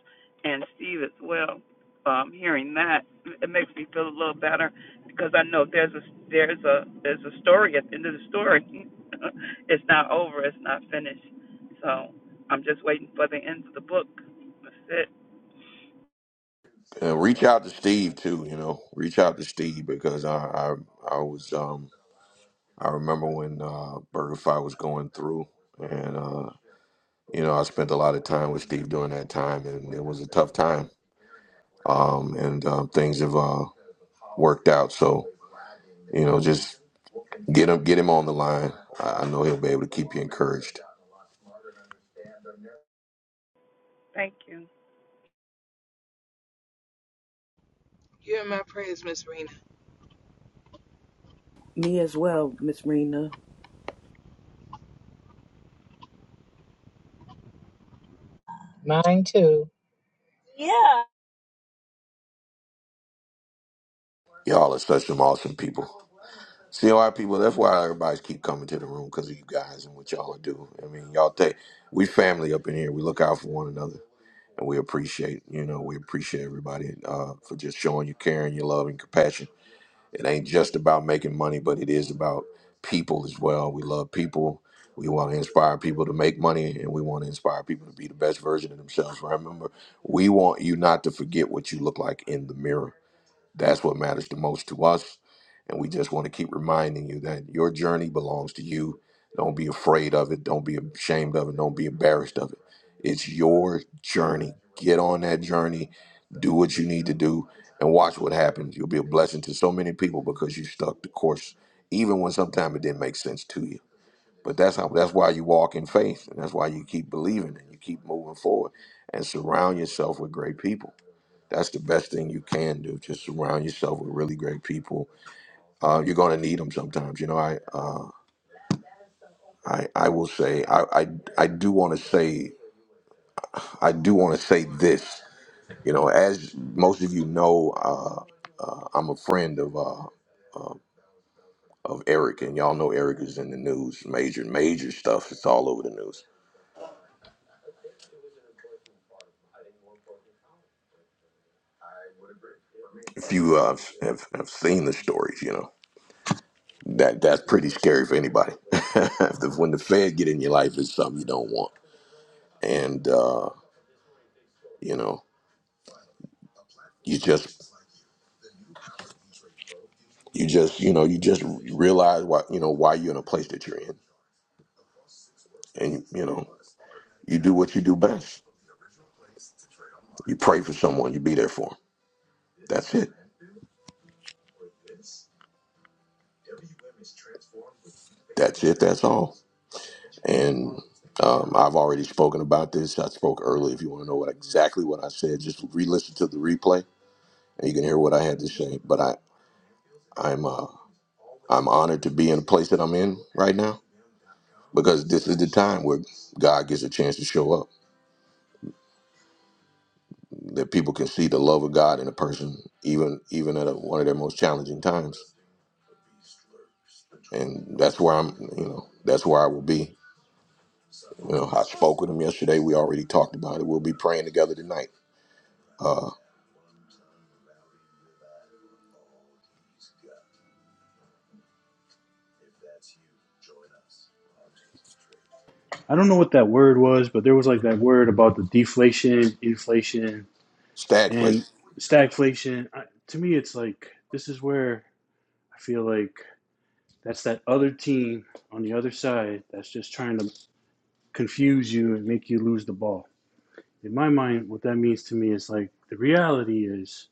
Speaker 16: and Steve as well. Um, hearing that, it makes me feel a little better because I know there's a there's a there's a story at the end of the story. it's not over. It's not finished. So I'm just waiting for the end of the book. That's it.
Speaker 1: And reach out to Steve too. You know, reach out to Steve because I I, I was um I remember when uh, Burger Fight was going through, and uh, you know I spent a lot of time with Steve during that time, and it was a tough time. Um, and um, things have uh, worked out. So you know, just get him get him on the line. I, I know he'll be able to keep you encouraged.
Speaker 16: Thank you.
Speaker 11: You're in my prayers, Miss
Speaker 6: Me as well, Miss Rena.
Speaker 10: Mine too.
Speaker 1: Y'all are such some awesome people. See a lot of people. That's why everybody's keep coming to the room because of you guys and what y'all do. I mean, y'all think we family up in here. We look out for one another, and we appreciate. You know, we appreciate everybody uh, for just showing your caring, your love and compassion. It ain't just about making money, but it is about people as well. We love people. We want to inspire people to make money, and we want to inspire people to be the best version of themselves. Remember, we want you not to forget what you look like in the mirror that's what matters the most to us. And we just want to keep reminding you that your journey belongs to you. Don't be afraid of it. Don't be ashamed of it. Don't be embarrassed of it. It's your journey. Get on that journey. Do what you need to do and watch what happens. You'll be a blessing to so many people because you stuck the course, even when sometimes it didn't make sense to you. But that's how that's why you walk in faith and that's why you keep believing and you keep moving forward and surround yourself with great people that's the best thing you can do. Just surround yourself with really great people. Uh, you're going to need them sometimes. You know, I uh, I I will say I I, I do want to say I do want to say this. You know, as most of you know, uh, uh, I'm a friend of uh, of Eric, and y'all know Eric is in the news, major major stuff. It's all over the news. If you uh, have have seen the stories, you know that that's pretty scary for anybody. when the Fed get in your life, it's something you don't want. And uh, you know you just you just you know you just realize why you know why you're in a place that you're in and you know you do what you do best you pray for someone you be there for for 'em. that's it that's it that's all and um, i've already spoken about this i spoke early if you want to know what exactly what i said just re-listen to the replay and you can hear what i had to say but i i'm uh i'm honored to be in the place that i'm in right now because this is the time where god gets a chance to show up that people can see the love of God in a person, even even at a, one of their most challenging times. And that's where I'm, you know, that's where I will be. You know, I spoke with him yesterday. We already talked about it. We'll be praying together tonight. Uh,
Speaker 3: I don't know what that word was, but there was like that word about the deflation, inflation, and
Speaker 1: stagflation.
Speaker 3: stagflation. I, to me, it's like this is where I feel like that's that other team on the other side that's just trying to confuse you and make you lose the ball. In my mind, what that means to me is like the reality is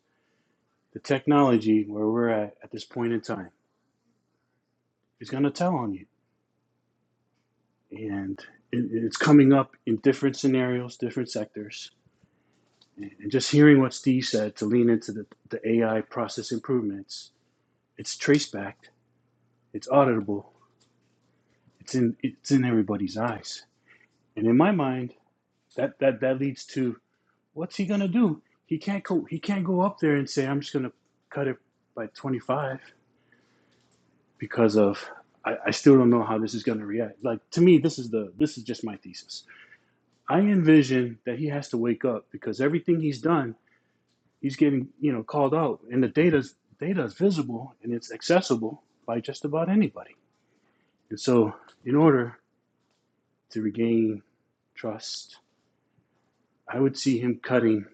Speaker 3: the technology where we're at at this point in time is going to tell on you and it, it's coming up in different scenarios different sectors and and just hearing what steve said to lean into the, the ai process improvements it's trace backed it's auditable it's in it's in everybody's eyes and in my mind that that that leads to what's he going to do he can't go he can't go up there and say i'm just going to cut it by 25 because of I, I still don't know how this is going to react. Like to me, this is the this is just my thesis. I envision that he has to wake up because everything he's done, he's getting you know called out, and the data's data is visible and it's accessible by just about anybody. And so, in order to regain trust, I would see him cutting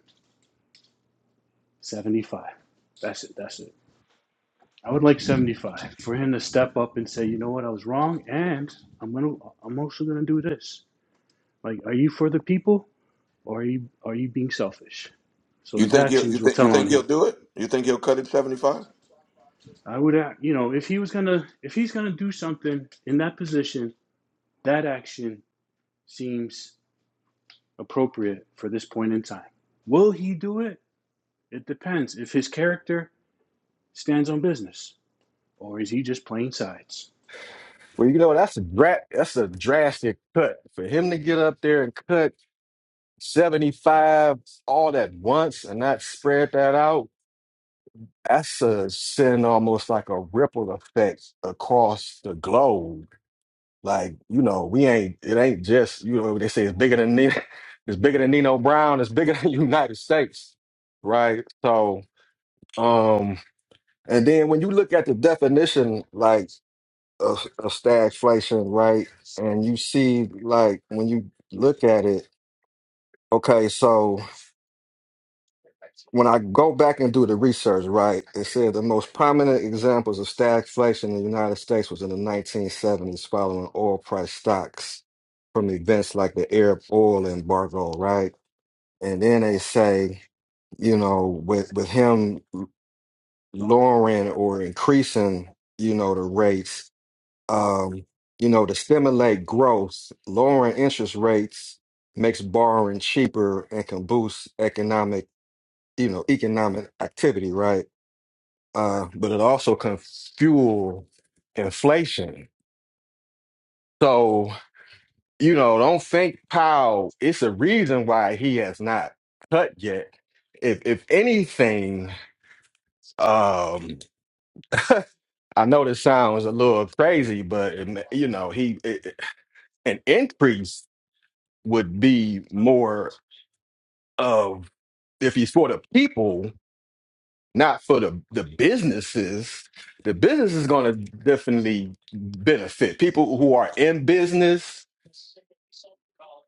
Speaker 3: seventy five. That's it. That's it. I would like seventy five for him to step up and say, you know what, I was wrong, and I'm gonna I'm also gonna do this. Like, are you for the people or are you are you being selfish? So
Speaker 1: You
Speaker 3: his
Speaker 1: think he'll you
Speaker 3: actions will
Speaker 1: think you
Speaker 3: tell
Speaker 1: think
Speaker 3: on
Speaker 1: he'll
Speaker 3: him.
Speaker 1: do it? You think he'll cut it seventy five?
Speaker 3: I would, you know, if he was gonna if he's gonna do something in that position, that action seems appropriate for this point in time. Will he do it? It depends if his character stands on business or is he just playing sides.
Speaker 9: Well, you know that's a dra- that's a drastic cut for him to get up there and cut seventy five all at once and not spread that out. That's a send almost like a ripple effect across the globe. Like, you know, we ain't, it ain't just, you know, they say it's bigger than Nino, it's bigger than Nino Brown, it's bigger than United States, right? So, um, and then when you look at the definition, like, of, of stagflation, right? And you see, like, when you look at it, okay, so. when I go back and do the research, right, it said the most prominent examples of stagflation in the United States was in the 1970s following oil price stocks from events like the Arab oil embargo, right? And then they say, you know, with, with him lowering or increasing, you know, the rates, um, you know, to stimulate growth, lowering interest rates makes borrowing cheaper and can boost economic, you know, economic activity, right? uh, but it also can fuel inflation. So, you know, don't think Powell, it's a reason why he has not cut yet. If if anything, um, I know this sounds a little crazy, but it ma- you know, he it, it- an increase would be more of if he's for the people. not for the the businesses. The business is going to definitely benefit people who are in business,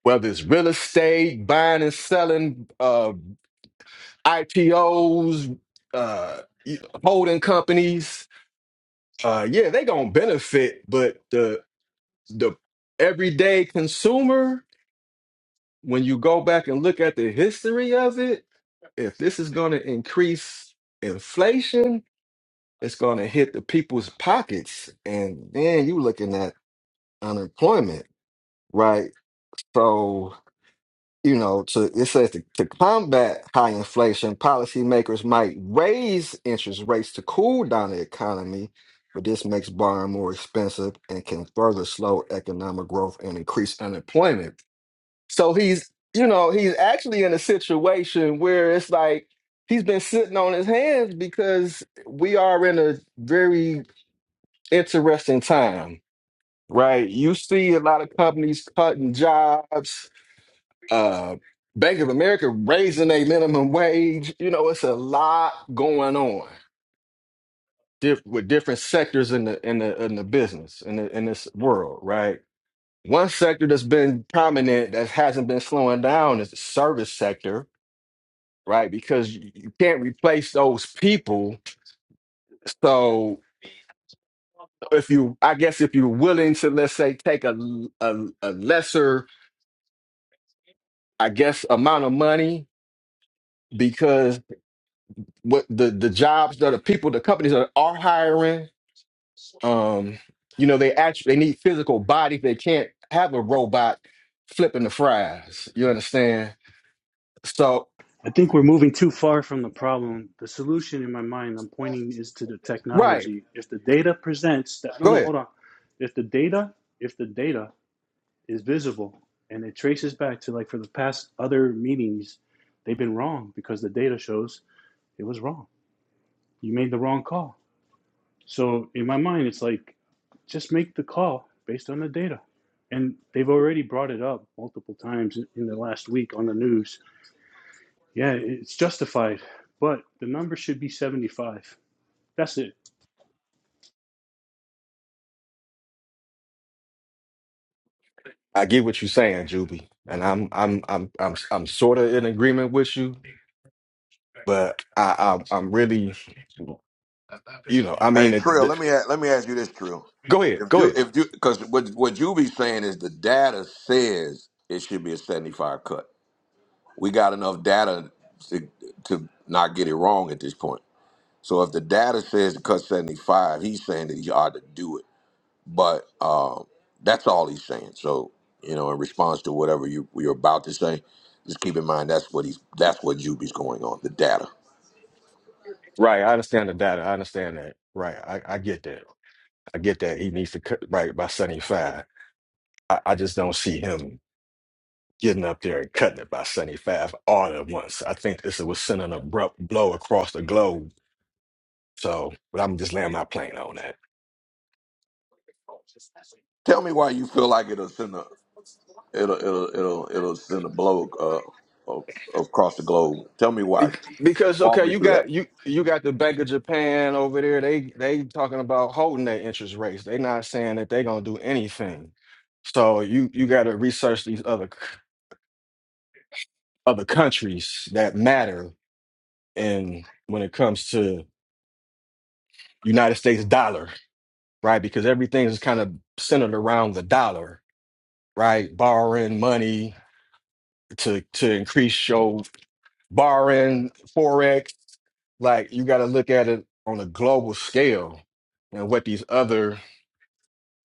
Speaker 9: whether it's real estate, buying and selling, uh, IPOs, uh, holding companies. Uh, yeah, they gonna benefit, but the the everyday consumer, when you go back and look at the history of it, if this is gonna increase inflation, it's going to hit the people's pockets and then you looking at unemployment right so you know to it says to, to combat high inflation policymakers might raise interest rates to cool down the economy but this makes borrowing more expensive and can further slow economic growth and increase unemployment so he's you know he's actually in a situation where it's like he's been sitting on his hands because we are in a very interesting time, right? You see a lot of companies cutting jobs, uh, Bank of America raising their minimum wage. You know, it's a lot going on diff- with different sectors in the in the in the business in the, in this world, right? One sector that's been prominent that hasn't been slowing down is the service sector, right? Because you you can't replace those people. So if you, I guess, if you're willing to, let's say, take a, a, a lesser I guess amount of money because what the the jobs that the people the companies that are hiring um you know they actually they need physical bodies they can't have a robot flipping the fries you understand so
Speaker 3: I think we're moving too far from the problem. The solution in my mind I'm pointing is to the
Speaker 9: right
Speaker 3: technology. If the data presents that no
Speaker 9: go
Speaker 3: no
Speaker 9: ahead
Speaker 3: hold on. If the data if the data is visible and it traces back to like for the past other meetings they've been wrong because the data shows it was wrong you made the wrong call so in my mind it's like just make the call based on the data and they've already brought it up multiple times in the last week on the news yeah it's justified but the number should be 75 that's it
Speaker 9: I get what you're saying Juby and I'm I'm I'm I'm I'm sort of in agreement with you but I, I I'm really you know I
Speaker 1: Hey
Speaker 9: mean it,
Speaker 1: Trill,
Speaker 9: the,
Speaker 1: let me a- let me ask you this, Trill.
Speaker 9: go ahead
Speaker 1: If
Speaker 9: go
Speaker 1: you
Speaker 9: ahead
Speaker 1: if you because what what you be saying is the data says it should be a seventy five cut. We got enough data to to not get it wrong at this point. So if the data says to cut 75, he's saying that he ought to do it. But um, that's all he's saying. So, you know, in response to whatever you, you're about to say, just keep in mind that's what he's that's what Juby's going on, the data.
Speaker 9: right I understand the data I understand that right I, I get that I get that he needs to cut right by 75. I, I just don't see him getting up there and cutting it by 75 all at once. I think this was sending an abrupt blow across the globe. So, but I'm just laying my plane on that.
Speaker 1: Tell me why you feel like it'll send a it'll it'll it'll it'll send a blow uh, of- across the globe. Tell me why.
Speaker 9: Be- Because
Speaker 1: Walk
Speaker 9: okay,
Speaker 1: me
Speaker 9: you
Speaker 1: through that.
Speaker 9: got you you got the Bank of Japan over there. They they talking about holding their interest rates. They not saying that they gonna do anything. So you you got to research these other c- other countries that matter, and when it comes to United States dollar. right? Because everything is kind of centered around the dollar, right? Borrowing money to to increase your borrowing forex. Like you got to look at it on a global scale and what these other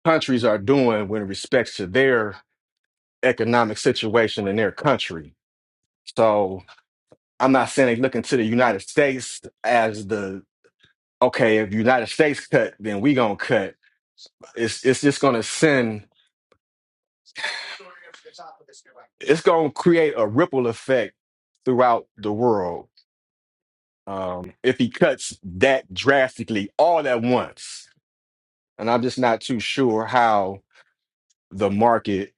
Speaker 9: countries are doing when respects to their economic situation in their country. So I'm not saying they look into the United States as the okay, if United States cut, then we gonna cut. It's it's just gonna send it's going to create a ripple effect throughout the world um, if he cuts that drastically all at once. And I'm just not too sure how the market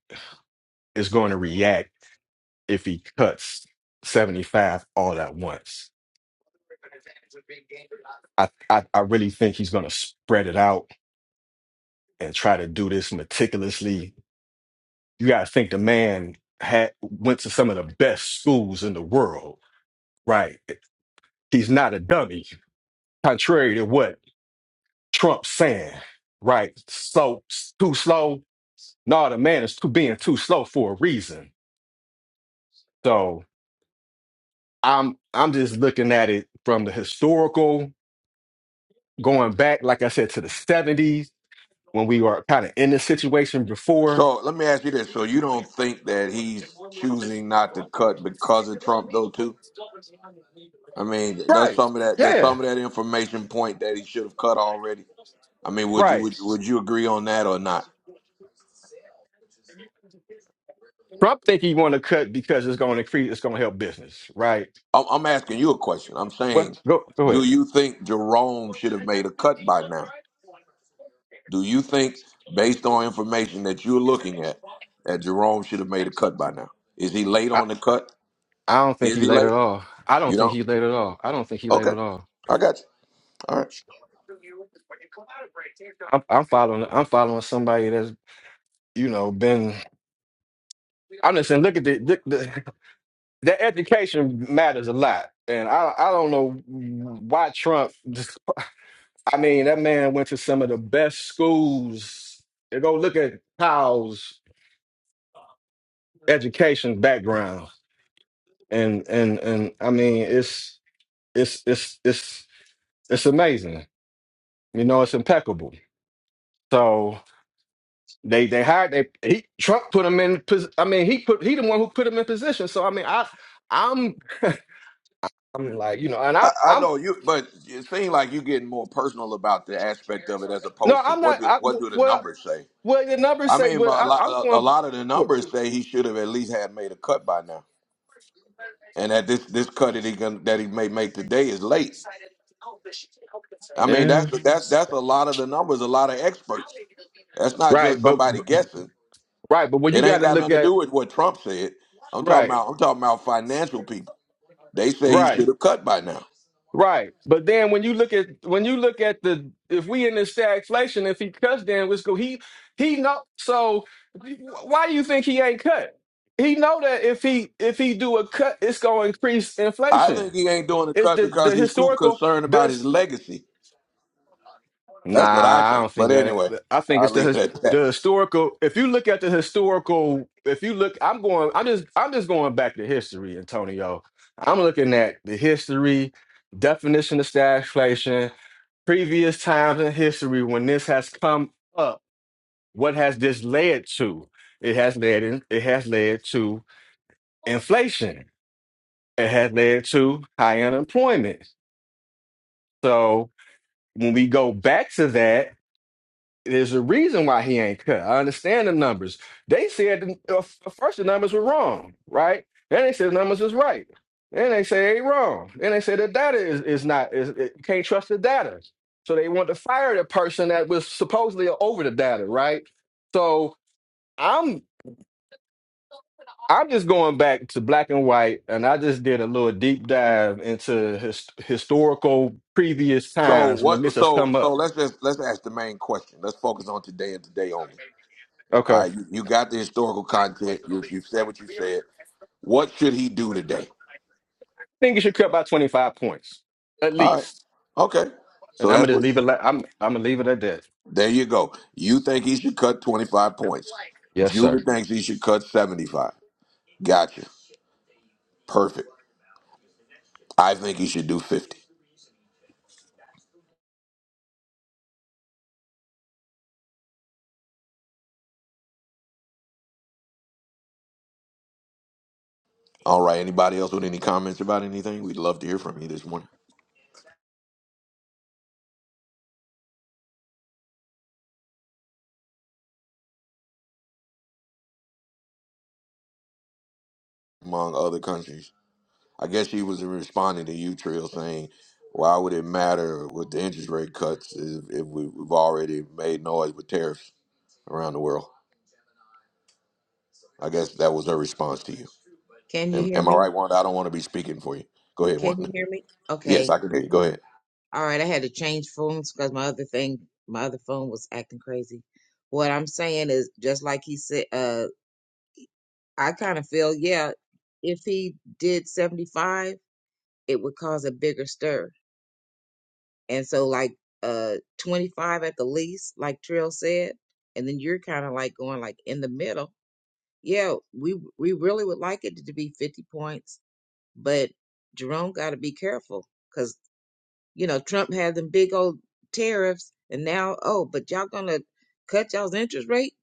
Speaker 9: is going to react if he cuts 75 all at once. I, I, I really think he's going to spread it out and try to do this meticulously. You got to think the man had went to some of the best schools in the world, right? He's not a dummy, contrary to what Trump saying, right? So s- too slow. No, the man is too, being too slow for a reason. So I'm I'm just looking at it from the historical, going back, like I said, to the 70s when we were kind of in this situation before.
Speaker 1: So let me ask you this. So you don't think that he's choosing not to cut because of Trump though too? I mean, does
Speaker 9: Right.
Speaker 1: some of that does
Speaker 9: Yeah.
Speaker 1: some of that information point that he should have cut already? I mean, would you
Speaker 9: Right.
Speaker 1: would, you- would you agree on that or not?
Speaker 9: Trump think he want to cut because it's going to increase, it's going to help business, right?
Speaker 1: I'm, I'm asking you a question. I'm
Speaker 9: But
Speaker 1: saying,
Speaker 9: go go
Speaker 1: do
Speaker 9: ahead.
Speaker 1: you think Jerome should have made a cut by now? Do you think, based on information that you're looking at, that Jerome should have made a cut by now? Is he late
Speaker 9: I,
Speaker 1: on the cut?
Speaker 9: I don't think
Speaker 1: Is
Speaker 9: he
Speaker 1: he
Speaker 9: late at
Speaker 1: late?
Speaker 9: all. I don't
Speaker 1: You
Speaker 9: think
Speaker 1: don't.
Speaker 9: he late at all. I don't think he late
Speaker 1: Okay,
Speaker 9: at all.
Speaker 1: I got you. All right.
Speaker 9: I'm, I'm following. I'm following somebody that's you know been. I'm just saying. Look at the the, the, the education matters a lot, and I I don't know why Trump. Just, I mean, that man went to some of the best schools. Go look at Kyle's education background, and and and I mean, it's it's it's it's it's amazing. You know, it's impeccable. So. They they hired they he Trump put him in pos- I mean he put he the one who put him in position. So I mean I I'm I'm like you know and
Speaker 1: I,
Speaker 9: I
Speaker 1: I
Speaker 9: I'm
Speaker 1: know you, but it seems like you're getting more personal about the aspect of it as
Speaker 9: no
Speaker 1: opposed to
Speaker 9: I'm not
Speaker 1: what do
Speaker 9: I
Speaker 1: what do the
Speaker 9: well
Speaker 1: numbers say.
Speaker 9: well the numbers
Speaker 1: I
Speaker 9: say
Speaker 1: mean,
Speaker 9: but
Speaker 1: but a
Speaker 9: I,
Speaker 1: lot,
Speaker 9: I'm
Speaker 1: a, a
Speaker 9: going
Speaker 1: lot of the numbers say he should have at least had made a cut by now, and that this this cut that he gonna, that he may make today is late. I mean,
Speaker 9: yeah
Speaker 1: that's that's that's a lot of the numbers. A lot of experts. That's not just
Speaker 9: right but,
Speaker 1: somebody
Speaker 9: but
Speaker 1: guessing.
Speaker 9: right but when you
Speaker 1: It
Speaker 9: got
Speaker 1: ain't
Speaker 9: to
Speaker 1: got
Speaker 9: look
Speaker 1: nothing to
Speaker 9: at
Speaker 1: do with what Trump said. I'm talking
Speaker 9: right
Speaker 1: about I'm talking about financial people. They say he
Speaker 9: right
Speaker 1: should have cut by now.
Speaker 9: Right. But then when you look at when you look at the if we in this stagflation, if he cuts Dan Wisco, he he know so why do you think he ain't cut? He know that if he if he do a cut, it's gonna increase
Speaker 1: I
Speaker 9: inflation.
Speaker 1: think he ain't doing the
Speaker 9: It's
Speaker 1: cut
Speaker 9: the
Speaker 1: because
Speaker 9: the
Speaker 1: he's too
Speaker 9: historical
Speaker 1: concerned about his
Speaker 9: does
Speaker 1: legacy.
Speaker 9: Nah,
Speaker 1: That's what I
Speaker 9: I
Speaker 1: think.
Speaker 9: don't think
Speaker 1: But
Speaker 9: that
Speaker 1: anyway,
Speaker 9: I think
Speaker 1: I'll
Speaker 9: it's the
Speaker 1: leave
Speaker 9: his-
Speaker 1: it at that.
Speaker 9: the historical if you look at the historical if you look I'm going I'm just I'm just going back to history, Antonio. I'm looking at the history, definition of stagflation previous times in history when this has come up, what has this led to? It has led in, it has led to inflation. It has led to high unemployment. So when we go back to that, There's a reason why he ain't cut. I understand the numbers. They said the, uh, first the numbers were wrong, right? Then they said the numbers is right. Then they say they wrong. Then they say the data is, is not is it, you can't trust the data. So they want to fire the person that was supposedly over the data, right? So I'm I'm just going back to black and white, and I just did a little deep dive into his, historical previous
Speaker 1: So
Speaker 9: times when
Speaker 1: what?
Speaker 9: this has
Speaker 1: So
Speaker 9: come
Speaker 1: so
Speaker 9: up.
Speaker 1: let's just let's ask the main question. Let's focus on today and today only.
Speaker 9: Okay
Speaker 1: All right, you, you got the historical content. You you said what you said. What should he do today?
Speaker 9: think you should cut by 25 points, at
Speaker 1: All right,
Speaker 9: least.
Speaker 1: okay. So
Speaker 9: And I'm
Speaker 1: that's
Speaker 9: gonna just
Speaker 1: what.
Speaker 9: leave it. Like, I'm I'm gonna leave it at that.
Speaker 1: There you go. You think he should cut twenty five points.
Speaker 9: Yes,
Speaker 1: Julie
Speaker 9: sir.
Speaker 1: thinks he should cut seventy five. Gotcha. Perfect. I think he should do fifty. All right. Anybody else with any comments about anything? We'd love to hear from you this morning. Among other countries. I guess she was responding to you, Trill, saying, "Why would it matter with the interest rate cuts if, if we, we've already made noise with tariffs around the world?" I guess that was her response to you.
Speaker 7: Can you
Speaker 1: Am,
Speaker 7: hear
Speaker 1: am I
Speaker 7: me?
Speaker 1: right, Wanda? I don't want to be speaking for you. Go ahead,
Speaker 7: Can
Speaker 1: Wanda.
Speaker 7: you hear me?
Speaker 1: Yes,
Speaker 7: Okay.
Speaker 1: I can hear you. Go ahead.
Speaker 7: All right. I had to change phones because my other thing, my other phone was acting crazy. What I'm saying is just like he said, uh, I kind of feel, yeah, if he did 75, it would cause a bigger stir. and so like uh 25 at the least like trill said and then you're kind of like going like in the middle yeah we we really would like it to be 50 points but jerome got to be careful because you know trump had them big old tariffs and now oh but y'all gonna cut y'all's interest rate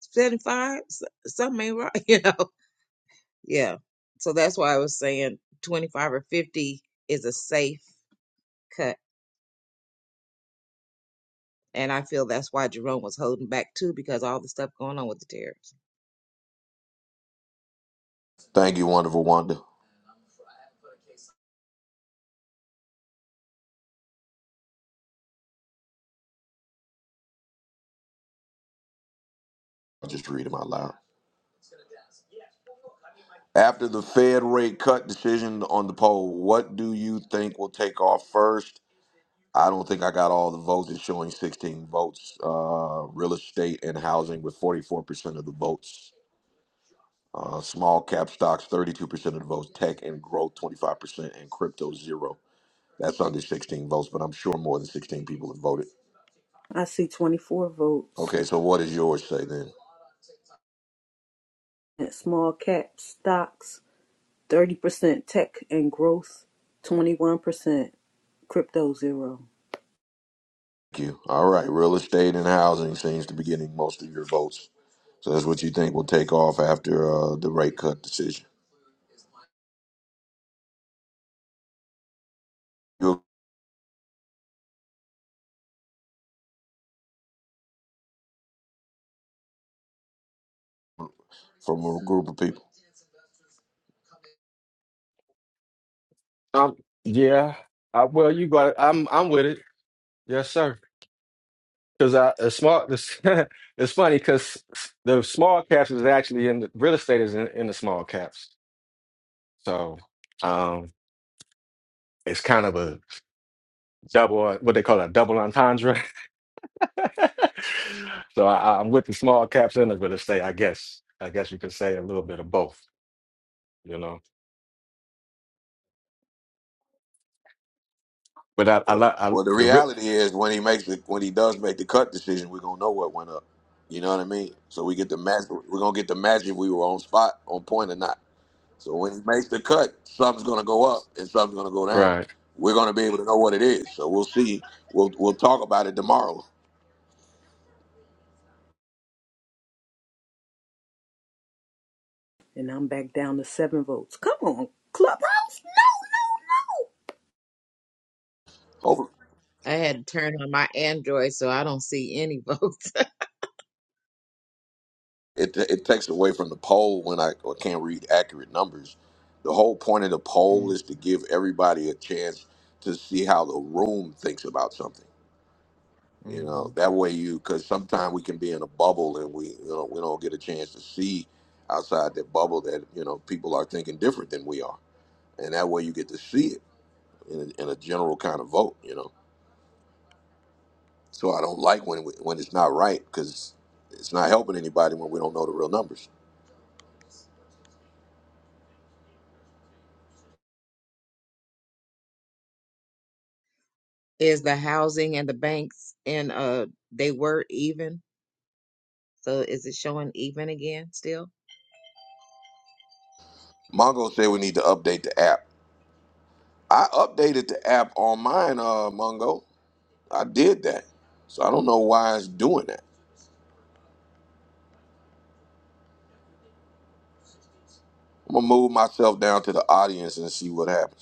Speaker 7: 75 S- something ain't right you know yeah so that's why i was saying 25 or 50 is a safe cut And I feel that's why Jerome was holding back too, because all the stuff going on with the tariffs.
Speaker 1: Thank you, wonderful Wanda. I'll just read them out loud. After the Fed rate cut decision on the poll, what do you think will take off first? I don't think I got all the votes. It's showing 16 votes. Uh, real estate and housing with 44% of the votes. Uh, small cap stocks, 32% of the votes. Tech and growth, 25%. And crypto, zero. That's under 16 votes, but I'm sure more than 16 people have voted.
Speaker 6: I see 24 votes.
Speaker 1: Okay, so what does yours say then?
Speaker 6: At small cap stocks, 30% tech and growth, 21% crypto zero.
Speaker 1: Thank you. All right, real estate and housing seems to be getting most of your votes. So that's what you think will take off after uh, the rate cut decision You- from a group of people.
Speaker 9: Um. Yeah. I, well, you got. It. I'm I'm with it. Yes, sir. Because I a small. It's, funny because the small caps is actually in the real estate is in, in the small caps. So um, it's kind of a double what they call a double entendre. so I, I'm with the small caps and the real estate. I guess. I guess you could say a little bit of both. You know. But I, I like I,
Speaker 1: Well, the
Speaker 9: the rip.
Speaker 1: reality is when he makes the when he does make the cut decision, we're gonna know what went up. You know what I mean? So we get the match. We're gonna get the match if we were on spot, on point or not. So when he makes the cut, something's gonna go up and something's gonna go down.
Speaker 9: Right.
Speaker 1: We're gonna be able to know what it is. So we'll see. We'll we'll talk about it tomorrow.
Speaker 6: And I'm back down to seven votes. Come on, Clubhouse. No, no, no.
Speaker 1: Hopefully,
Speaker 7: I had to turn on my Android so I don't see any votes.
Speaker 1: it it takes away from the poll when I I can't read accurate numbers. The whole point of the poll
Speaker 7: mm-hmm.
Speaker 1: is to give everybody a chance to see how the room thinks about something. You know, that way you because sometimes we can be in a bubble and we you know we don't get a chance to see outside that bubble that you know people are thinking different than we are, and that way you get to see it in a, in a general kind of vote. You know, so I don't like when we, when it's not right because it's not helping anybody when we don't know the real numbers.
Speaker 7: Is the housing and the banks and uh they were even? So is it showing even again still?
Speaker 1: Mongo said we need to update the app. I updated the app on mine, uh, Mongo. I did that, so I don't know why it's doing that. I'm gonna move myself down to the audience and see what happens.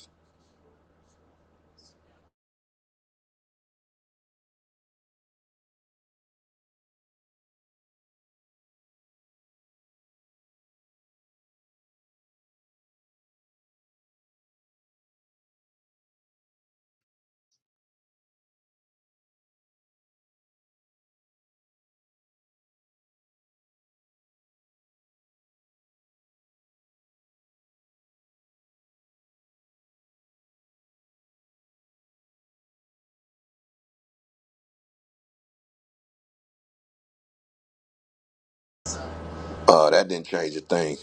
Speaker 1: Uh, that didn't change a thing.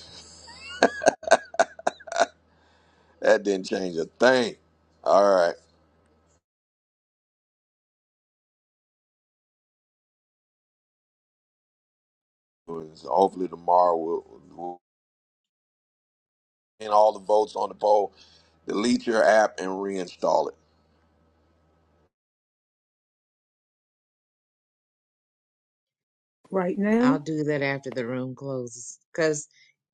Speaker 1: That didn't change a thing. All right. Hopefully tomorrow we'll, we'll in all the votes on the poll, delete your app and reinstall it.
Speaker 6: Right now.
Speaker 7: I'll do that after the room closes, cause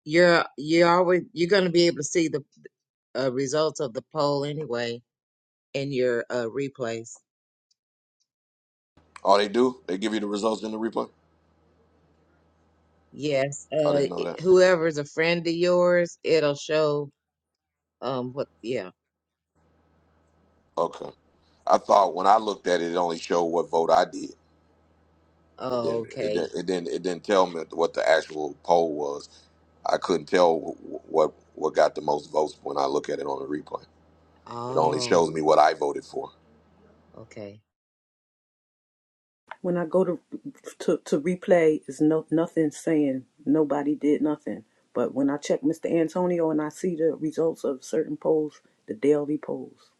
Speaker 7: you're you're always you're gonna be able to see the uh, results of the poll anyway in your uh replays.
Speaker 1: Oh, they do? They give you the results in the replay?
Speaker 7: Yes,
Speaker 1: I
Speaker 7: uh,
Speaker 1: didn't know that.
Speaker 7: whoever's a friend of yours, it'll show um what yeah
Speaker 1: Okay. I thought when I looked at it, it only showed what vote I did. It
Speaker 7: Oh,
Speaker 1: didn't. It
Speaker 7: okay.
Speaker 1: didn't. It didn't, it didn't tell me what the actual poll was. I couldn't tell wh- what what got the most votes when I look at it on the replay. It only
Speaker 7: Oh,
Speaker 1: shows me what I voted for.
Speaker 7: okay.
Speaker 6: When I go to to, to replay, is no nothing saying nobody did nothing. But when I check Mr. Antonio and I see the results of certain polls, the daily polls,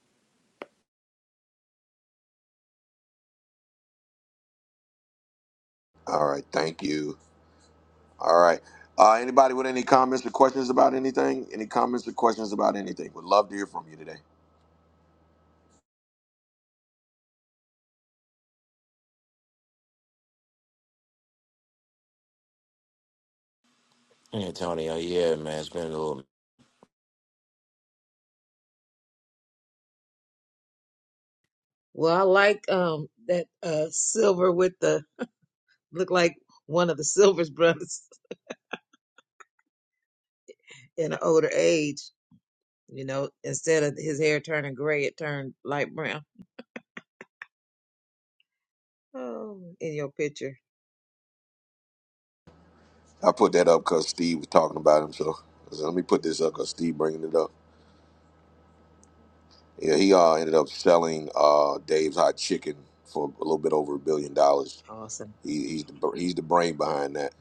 Speaker 1: All right. Thank you. All right. Uh, anybody with any comments or questions about anything? Any comments or questions about anything? Would love to hear from you today.
Speaker 18: Hey, Antonio, yeah, man, it's been a little.
Speaker 7: Well, I like um that uh silver with the look like one of the Silver's brothers in an older age. You know, instead of his hair turning gray, it turned light brown. Oh, in your picture,
Speaker 1: I put that up because Steve was talking about himself. So so let me put this up because Steve bringing it up. Yeah, he uh, ended up selling uh, Dave's Hot Chicken for a little bit over a billion dollars.
Speaker 7: awesome.
Speaker 1: He, he's the, he's the brain behind that.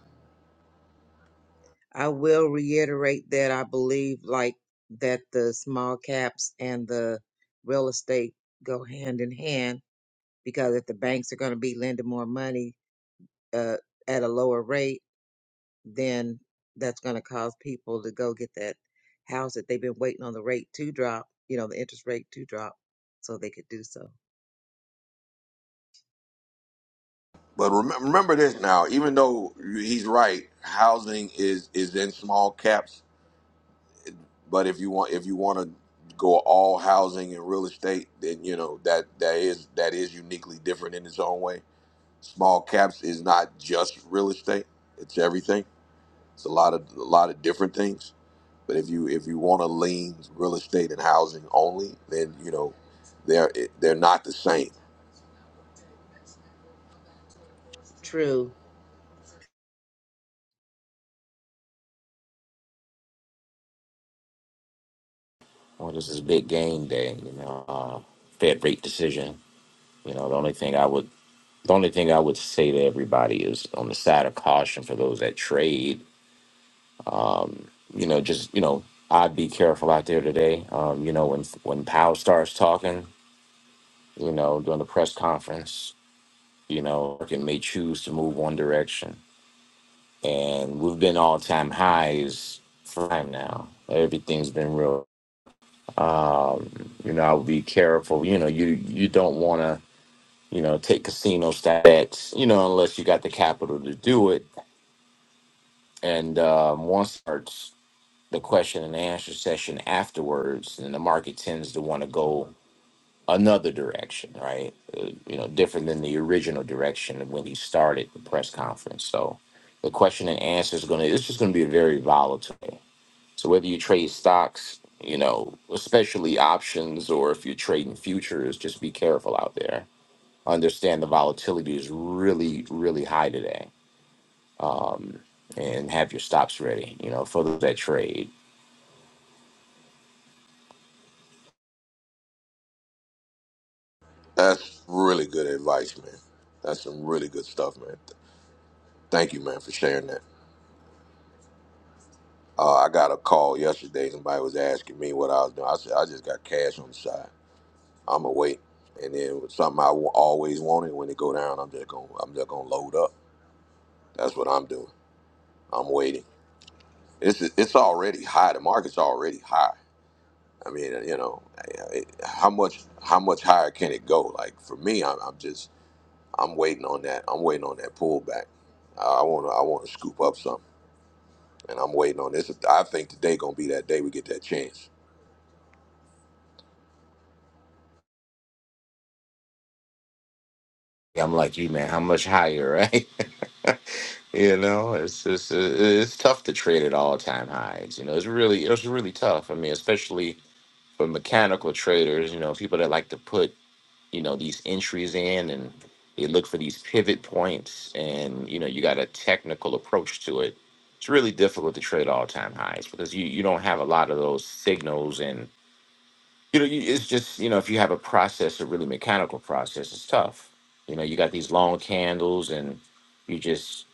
Speaker 7: I will reiterate that I believe like that the small caps and the real estate go hand in hand because if the banks are going to be lending more money uh, at a lower rate then that's going to cause people to go get that house that they've been waiting on the rate to drop, you know, the interest rate to drop so they could do so.
Speaker 1: But remember, remember this now. Even though he's right, housing is is in small caps But if you want if you want to go all housing and real estate, then you know that that is that is uniquely different in its own way. Small caps is not just real estate; it's everything. It's a lot of a lot of different things. But if you if you want to lean real estate and housing only, then you know they're they're not the same.
Speaker 7: True.
Speaker 18: Well, this is big game day, you know. Uh, Fed rate decision. You know, the only thing I would, the only thing I would say to everybody is on the side of caution for those that trade. Um, you know, just you know, I'd be careful out there today. Um, you know, when when Powell starts talking, you know, during the press conference, you know, market may choose to move one direction, and we've been all time highs for time now. Everything's been real Um, you know, I would be careful. You know, you you don't want to you know take casino stats. You know, unless you got the capital to do it. And um, once starts the question and answer session afterwards, and the market tends to want to go another direction, right? Uh, you know, different than the original direction when he started the press conference. So the question and answer is going to. It's just going to be a very volatile. So whether you trade stocks, you know, especially options, or if you're trading futures, just be careful out there. Understand the volatility is really, really high today, um, and have your stops ready. You know, for that trade.
Speaker 1: That's really good advice, man. That's some really good stuff, man. Thank you, man, for sharing that. Uh, I got a call yesterday. Somebody was asking me what I was doing. I said I just got cash on the side. I'ma wait. And then with something I always wanted when it go down, I'm just gonna I'm just gonna load up. That's what I'm doing. I'm waiting. It's it's already high. The market's already high. I mean, uh, you know, it, how much how much higher can it go? Like for me, I'm, I'm just I'm waiting on that. I'm waiting on that pullback. I want to I want to scoop up something, and I'm waiting on this. I think today gonna be that day we get that chance.
Speaker 18: I'm like you, man. How much higher, right? you know, it's just uh, it's tough to trade at all time highs. You know, it's really it's really tough. I mean, especially for mechanical traders. You know, people that like to put you know these entries in and they look for these pivot points and you know you got a technical approach to it it's really difficult to trade all time highs because you you don't have a lot of those signals and you know you, it's just you know if you have a process a really mechanical process it's tough you know you got these long candles and you just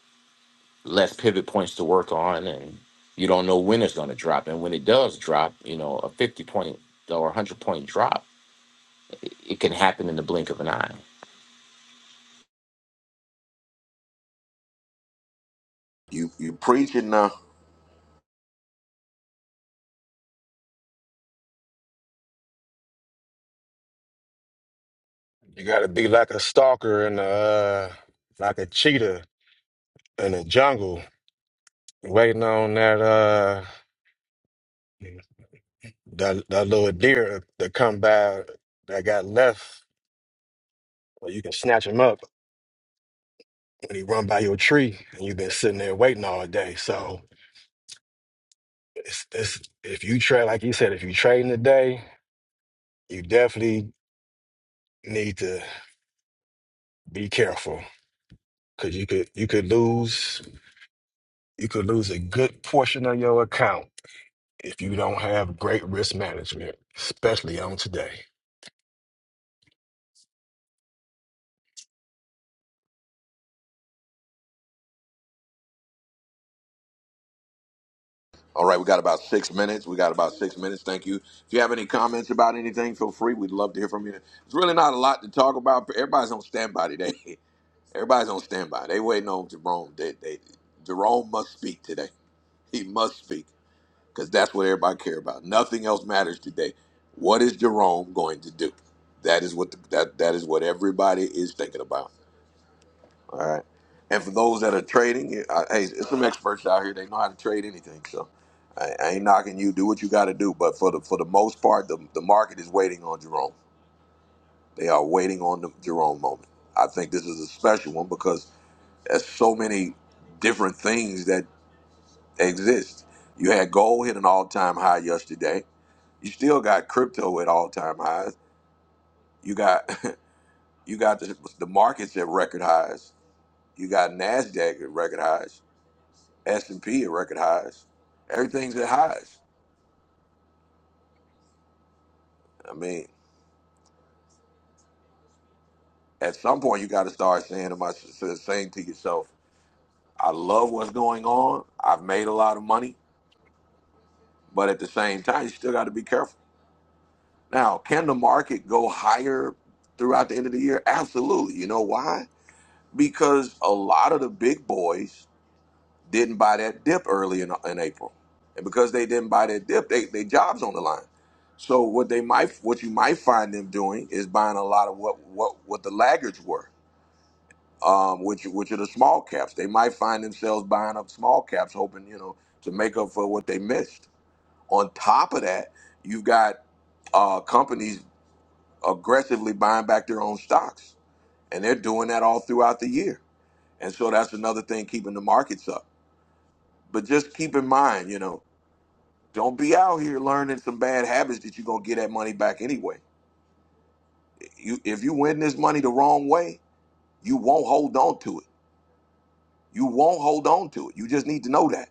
Speaker 18: less pivot points to work on and you don't know when it's going to drop and when it does drop you know a 50 point or 100 point drop it, it can happen in the blink of an eye
Speaker 1: You you preaching now?
Speaker 9: You gotta be like a stalker and uh like a cheetah in the jungle, waiting on that uh that that little deer to come by that got left. Or you can snatch him up when he run by your tree and you've been sitting there waiting all day. So it's, it's if you trade like you said, if you trading today, you definitely need to be careful. Cause you could you could lose you could lose a good portion of your account if you don't have great risk management, especially on today.
Speaker 1: All right, we got about six minutes. We got about six minutes. Thank you. If you have any comments about anything, feel free. We'd love to hear from you. It's really not a lot to talk about. but Everybody's on standby today. Everybody's on standby. They waiting on Jerome. They, they, Jerome must speak today. He must speak because that's what everybody care about. Nothing else matters today. What is Jerome going to do? That is what the, that that is what everybody is thinking about. All right. And for those that are trading, I, hey, it's some experts out here. They know how to trade anything. So I, I ain't knocking you. Do what you got to do. But for the for the most part, the, the market is waiting on Jerome. They are waiting on the Jerome moment. I think this is a special one because there's so many different things that exist. You had gold hit an all time high yesterday. You still got crypto at all time highs. You got you got the, the markets at record highs. You got Nasdaq at record highs S and P at record highs. Everything's at highs. I mean, at some point you got to start saying to my saying to yourself, "I love what's going on. I've made a lot of money, but at the same time, you still got to be careful." Now, can the market go higher throughout the end of the year? Absolutely. You know why? Because a lot of the big boys didn't buy that dip early in, in April, and because they didn't buy that dip, they they jobs on the line. So what they might what you might find them doing is buying a lot of what what what the laggards were, um, which which are the small caps. They might find themselves buying up small caps, hoping you know to make up for what they missed. On top of that, you've got uh, companies aggressively buying back their own stocks, and they're doing that all throughout the year. And so that's another thing keeping the markets up. But just keep in mind, you know Don't be out here learning some bad habits that you're gonna get that money back anyway. You, if you win this money the wrong way, you won't hold on to it. You won't hold on to it. You just need to know that.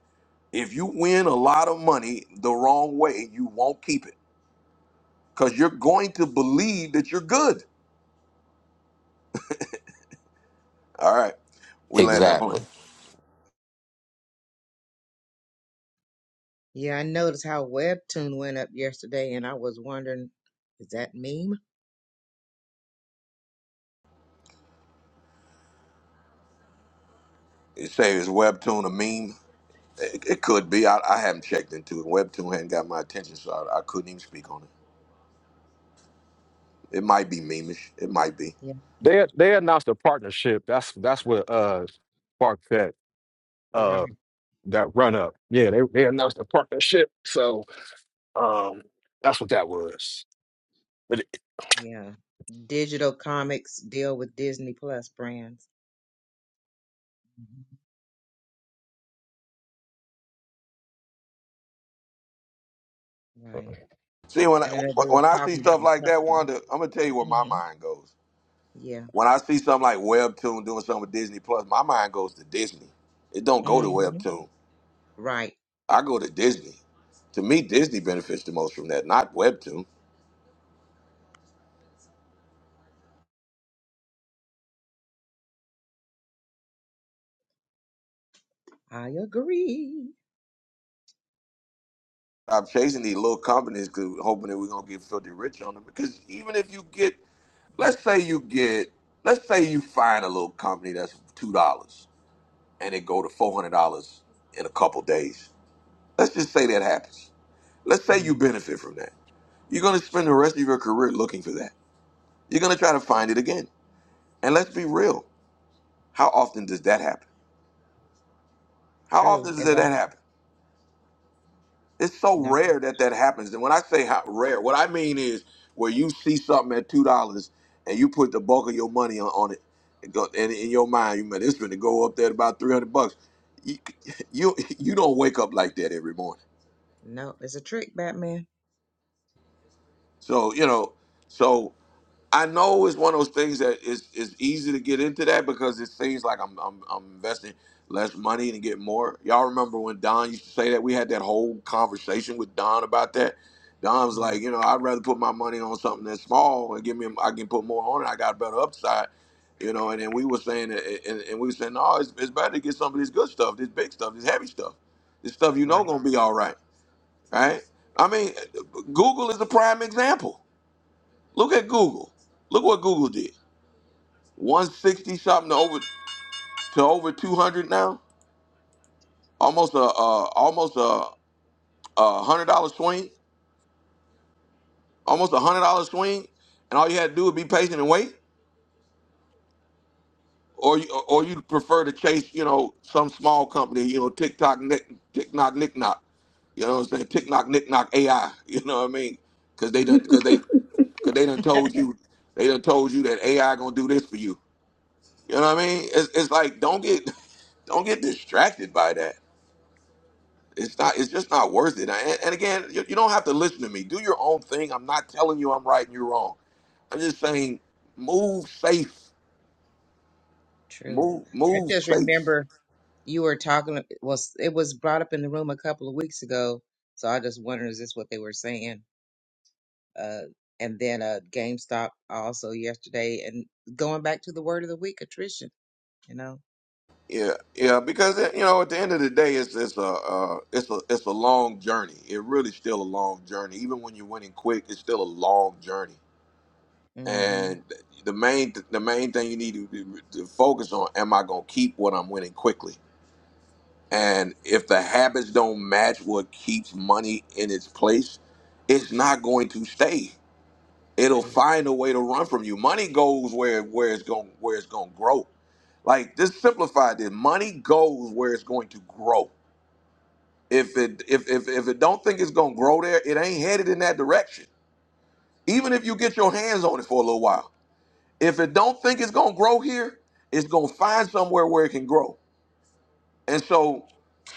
Speaker 1: If you win a lot of money the wrong way, you won't keep it because you're going to believe that you're good. All right, we land our plane.
Speaker 18: exactly
Speaker 7: Yeah, I noticed how Webtoon went up yesterday, and I was wondering, is that meme?
Speaker 1: It say is Webtoon a meme? It, it could be. I, I haven't checked into it. Webtoon hadn't got my attention, so I, I couldn't even speak on it. It might be memeish. It might be.
Speaker 7: Yeah.
Speaker 9: They they announced a partnership. That's that's what uh sparked that
Speaker 7: Right.
Speaker 9: uh that run up. Yeah, they they announced a partnership. So Um, that's what that was. But
Speaker 7: Yeah. Digital comics deal with Disney Plus brands. Mhm. Right.
Speaker 9: it,
Speaker 1: See, when I,
Speaker 7: And I know they was
Speaker 1: when I see
Speaker 7: talking about
Speaker 1: stuff
Speaker 7: a
Speaker 1: like that,
Speaker 7: couple of
Speaker 1: Wanda,
Speaker 7: weeks.
Speaker 1: I'm gonna tell you where my
Speaker 7: hmm
Speaker 1: mind goes.
Speaker 7: Yeah.
Speaker 1: When I see something like Webtoon doing something with Disney Plus, my mind goes to Disney. It don't go to
Speaker 7: hmm
Speaker 1: Webtoon.
Speaker 7: Right.
Speaker 1: I go to Disney. To me, Disney benefits the most from that, not Webtoon.
Speaker 7: I agree.
Speaker 1: I'm chasing these little companies 'cause hoping that we're gonna get filthy rich on them. Because even if you get,
Speaker 7: Mm.
Speaker 1: let's say you get, let's say you find a little company that's two dollars and it go to four hundred dollars in a couple days. Let's just say that happens. Let's say you
Speaker 7: Mm,
Speaker 1: benefit from that You're going to spend the rest of your career looking for that. You're going to try to find it again. And let's be real. How often does that happen? How
Speaker 7: true.
Speaker 1: often does
Speaker 7: And
Speaker 1: that
Speaker 7: that's
Speaker 1: happen? It's so
Speaker 7: no,
Speaker 1: rare that that happens. And when I say how rare, what I mean is where you see something at $2 and you put the bulk of your money on, on it. And go- and in your mind, you mean it's going to go up there at about 300 bucks. You, you, you don't wake up like that every morning.
Speaker 7: no, it's a trick, Batman.
Speaker 1: So, you know, so I know it's one of those things that is is easy to get into that because it seems like I'm I'm, I'm investing less money and get more. Y'all remember when Don used to say that we had that whole conversation with Don about that. Don was
Speaker 7: Mm,
Speaker 1: like, you know, I'd rather put my money on something that's small and give me I can put more on it. I got a better upside, you know. And then we were saying that, and, and we were saying, no, it's, it's better to get some of this good stuff, this big stuff, this heavy stuff, this stuff you know
Speaker 7: right.
Speaker 1: gonna be all right, right? I mean, Google is a prime example. Look at Google. Look what Google did. 160 something to over to over 200 now. Almost a uh, almost a, a hundred dollar swing. Almost a hundred dollar swing. And all you had to do was be patient and wait, or you or you prefer to chase you know some small company you know TikTok nick tick knock nick knock. You know what I'm saying? Tick knock nick knock AI. You know what I mean? Because they done because they because they done told you they done told you that AI gonna do this for you. You know what I mean? It's, it's like don't get don't get distracted by that. It's not. It's just not worth it. And, and again, you, you don't have to listen to me. Do your own thing. I'm not telling you I'm right and you're wrong. I'm just saying, move safe.
Speaker 7: True.
Speaker 1: Move,
Speaker 7: I
Speaker 1: move
Speaker 7: just
Speaker 1: safe.
Speaker 7: remember you were talking, was it was brought up in the room a couple of weeks ago, so I just wondered, is this what they were saying? Uh, and then uh, GameStop also yesterday. And going back to the word of the week, attrition, you know?
Speaker 1: Yeah, yeah. Because you know, at the end of the day, it's it's a uh, it's a it's a long journey. It really still a long journey. Even when you're winning quick, it's still a long journey.
Speaker 7: hmm
Speaker 1: And the main the main thing you need to, to focus on: Am I going to keep what I'm winning quickly? And if the habits don't match what keeps money in its place, it's not going to stay. It'll
Speaker 7: True.
Speaker 1: find a way to run from you. Money goes where where it's going where it's going to grow. Like just simplify this. Money goes where it's going to grow. If it if if if it don't think it's going to grow there, it ain't headed in that direction. Even if you get your hands on it for a little while. If it don't think it's going to grow here, it's going to find somewhere where it can grow. And so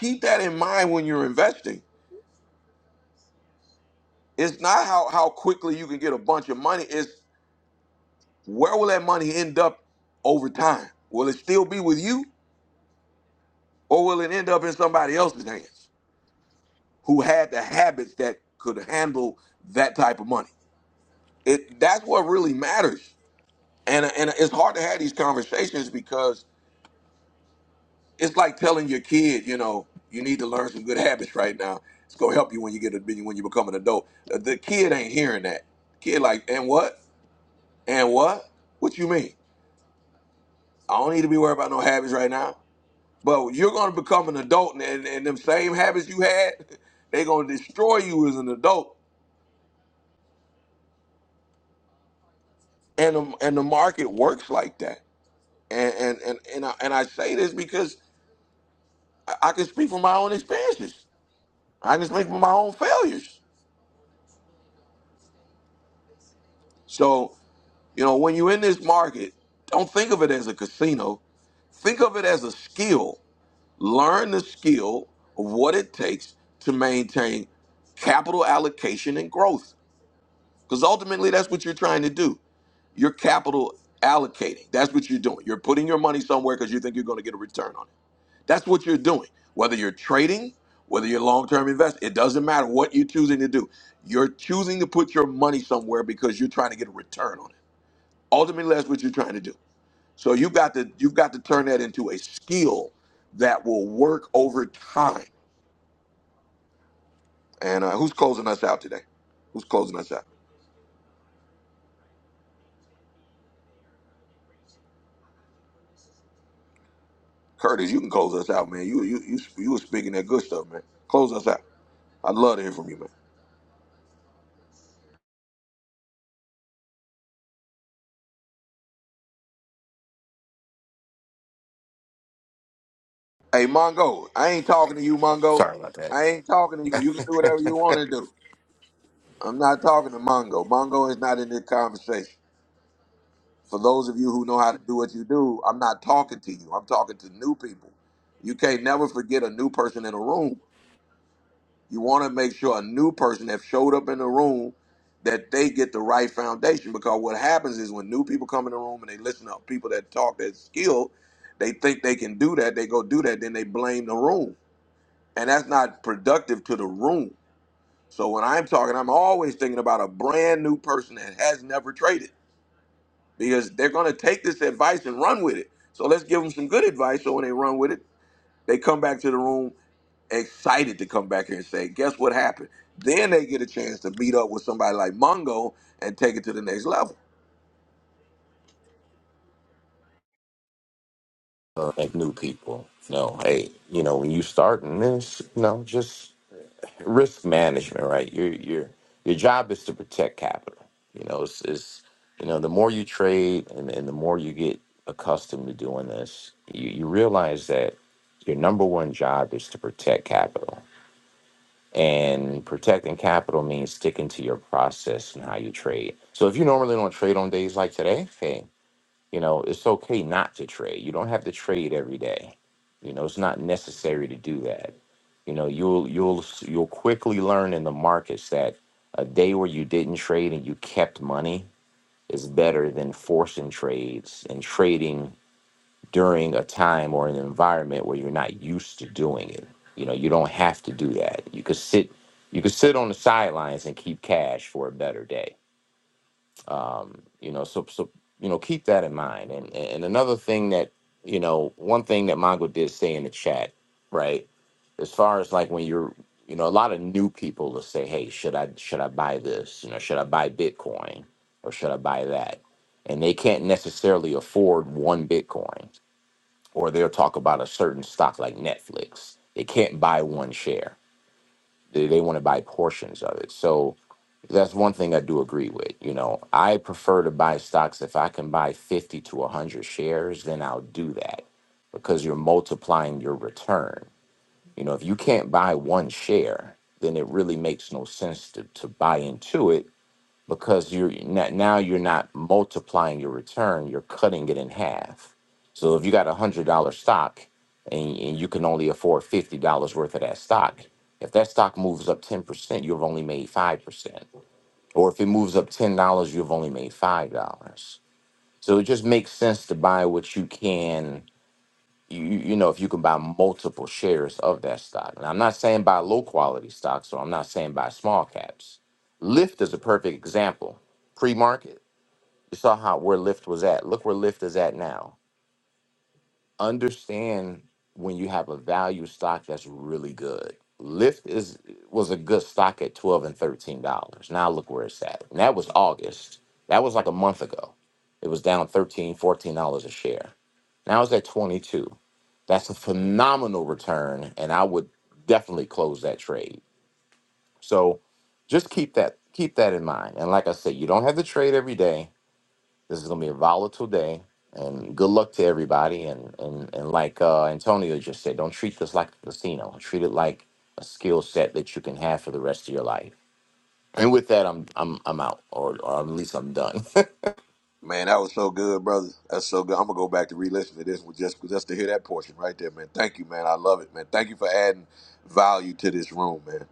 Speaker 1: keep that in mind when you're investing It's not how how quickly you can get a bunch of money. It's where will that money end up over time? Will it still be with you, or will it end up in somebody else's hands who had the habits that could handle that type of money? It that's what really matters. And and it's hard to have these conversations because it's like telling your kid, you know, you need to learn some good habits right now. It's gonna help you when you get a, when you become an adult. The the kid ain't hearing that. Kid like, and what? And what? What you mean? I don't need to be worried about no habits right now. But you're going to become an adult, and, and, and them same habits you had, they're going to destroy you as an adult. And the, and the market works like that. And and and and I, and I say this because I I can speak from my own experiences. I can speak from my own failures. So you know, when you're in this market, don't think of it as a casino. Think of it as a skill. Learn the skill of what it takes to maintain capital allocation and growth Because ultimately, that's what you're trying to do. You're capital allocating. That's what you're doing. You're putting your money somewhere because you think you're going to get a return on it. That's what you're doing. Whether you're trading, whether you're long term investing, it doesn't matter what you're choosing to do. You're choosing to put your money somewhere because you're trying to get a return on it. Ultimately, that's what you're trying to do. So you've got to you've got to turn that into a skill that will work over time. And uh, who's closing us out today? Who's closing us out? Curtis, you can close us out, man. You you you you was speaking that good stuff, man. Close us out. I'd love to hear from you, man. Hey, Mongo, I ain't talking to you, Mongo.
Speaker 18: Sorry about that.
Speaker 1: I ain't talking to you. You can do whatever you want to do. I'm not talking to Mongo. Mongo is not in this conversation. For those of you who know how to do what you do, I'm not talking to you. I'm talking to new people. You can't never forget a new person in a room You want to make sure a new person that showed up in the room that they get the right foundation because what happens is when new people come in the room and they listen to people that talk that skill, they think they can do that, they go do that, then they blame the room. And that's not productive to the room. So when I'm talking, I'm always thinking about a brand new person that has never traded because they're going to take this advice and run with it. So let's give them some good advice so when they run with it, they come back to the room excited to come back here and say, guess what happened? Then they get a chance to meet up with somebody like Mongo and take it to the next level.
Speaker 18: Uh, like new people. No, hey, you know, when you starting this, you know, just risk management, right? Your your your job is to protect capital. You know, it's, it's you know, the more you trade and, and the more you get accustomed to doing this, you, you realize that your number one job is to protect capital. And protecting capital means sticking to your process and how you trade. So if you normally don't trade on days like today, hey, You know, it's okay not to trade. You don't have to trade every day. You know, it's not necessary to do that. You know, you'll you'll you'll quickly learn in the markets that a day where you didn't trade and you kept money is better than forcing trades and trading during a time or an environment where you're not used to doing it. You know, you don't have to do that. You could sit you could sit on the sidelines and keep cash for a better day um, you know so so you know keep that in mind and and another thing that you know one thing that mongo did say in the chat right as far as like when you're you know a lot of new people will say hey should i should i buy this you know should i buy bitcoin or should i buy that and they can't necessarily afford one bitcoin or they'll talk about a certain stock like netflix they can't buy one share they, they want to buy portions of it. So that's one thing I do agree with. You know, I prefer to buy stocks if I can buy 50 to 100 shares, then I'll do that because you're multiplying your return. You know, if you can't buy one share, then it really makes no sense to, to buy into it because you're not, now you're not multiplying your return you're cutting it in half so if you got a hundred dollar stock and, and you can only afford fifty dollars worth of that stock if that stock moves up 10% you've only made 5% or if it moves up $10 you've only made $5 so it just makes sense to buy what you can you you you know if you can buy multiple shares of that stock. And I'm not saying buy low quality stocks, or I'm not saying buy small caps. Lyft is a perfect example. Pre market, you saw how where Lyft was at. Look where Lyft is at now understand when you have a value stock that's really good. Lyft is was a good stock at twelve and thirteen dollars. Now look where it's at. And that was August. That was like a month ago. It was down thirteen, fourteen dollars a share. Now it's at twenty two. That's a phenomenal return, and I would definitely close that trade. So just keep that keep that in mind. And like I said, you don't have to trade every day this is gonna be a volatile day, and good luck to everybody. And and and like uh, Antonio just said, don't treat this like a casino. Treat it like a skill set that you can have for the rest of your life. And with that, I'm I'm I'm out, or, or at least I'm done.
Speaker 1: Man, that was so good, brother. That's so good. I'm gonna go back to re-listen to this one just just to hear that portion right there, man. Thank you, man. I love it, man. Thank you for adding value to this room, man.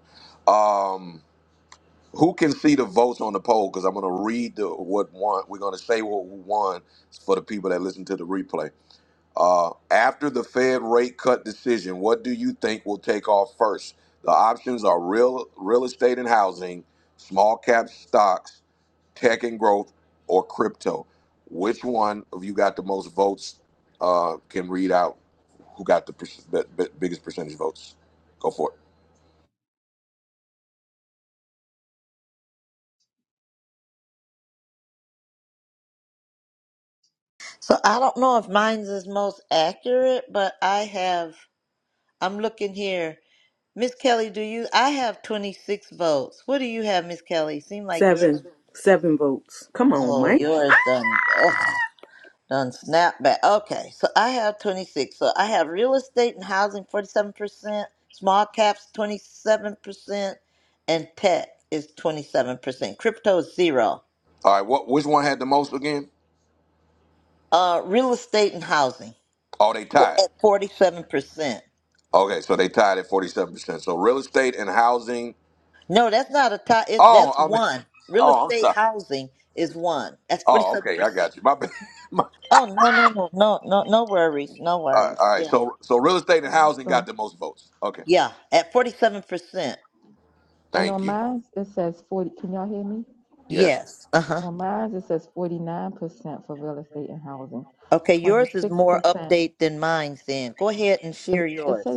Speaker 1: Um, who can see the votes on the poll? Because I'm gonna read the what won. We're gonna say what won for the people that listen to the replay. Uh, after the Fed rate cut decision, what do you think will take off first? The options are real real estate and housing, small cap stocks, tech and growth, or crypto. Which one of you got the most votes? Uh, can read out who got the per- b- b- biggest percentage votes. Go for it.
Speaker 2: so i don't know if mine's is most accurate but i have I'm looking here. Miss Kelly, do you? I have 26 votes. What do you have, Miss Kelly? Seem like yours.
Speaker 6: seven
Speaker 2: Seven.
Speaker 6: seven votes. Come on,
Speaker 2: Oh,
Speaker 6: Mike.
Speaker 2: yours done. Ugh, done snap back. Okay, so I have 26. So I have real estate and housing 47%, small caps 27%, and tech is 27%. Crypto is zero.
Speaker 1: All right. What? Which one had the most again?
Speaker 2: Uh, real estate and housing
Speaker 1: Oh, they
Speaker 2: for-
Speaker 1: tied.
Speaker 2: at 47%.
Speaker 1: Okay, so they tied at forty-seven percent. So real estate and housing.
Speaker 2: No, that's not a tie. It,
Speaker 1: Oh,
Speaker 2: that's
Speaker 1: I'm.
Speaker 2: one. Real
Speaker 1: Oh, I'm
Speaker 2: estate
Speaker 1: sorry.
Speaker 2: housing is one. That's
Speaker 1: Oh, okay, I
Speaker 2: 47%.
Speaker 1: got you. My bad.
Speaker 2: Oh no no no no no no worries no
Speaker 1: All right,
Speaker 2: worries
Speaker 1: all right.
Speaker 2: yeah
Speaker 1: So so real estate and housing got the most votes. Okay.
Speaker 2: yeah at forty seven percent
Speaker 1: Thank you. Yes.
Speaker 2: yes uh huh okay yours is more update than mine then go ahead and share yours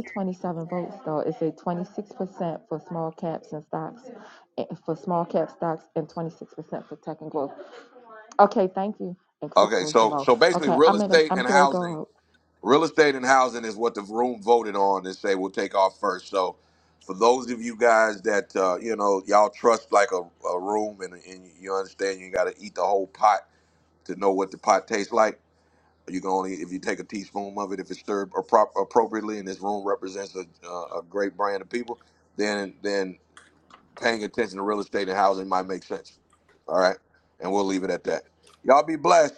Speaker 1: Okay. So so basically real estate and housing, real estate and housing is what the room voted on and say we'll take off first. So for those of you guys that uh, you know y'all trust like a, a room and, and you understand you got to eat the whole pot to know what the pot tastes like. You can only if you take a teaspoon of it if it's stirred appro- appropriately and this room represents a, a a great brand of people. Then then paying attention to real estate and housing might make sense. All right. And we'll leave it at that. Y'all be blessed.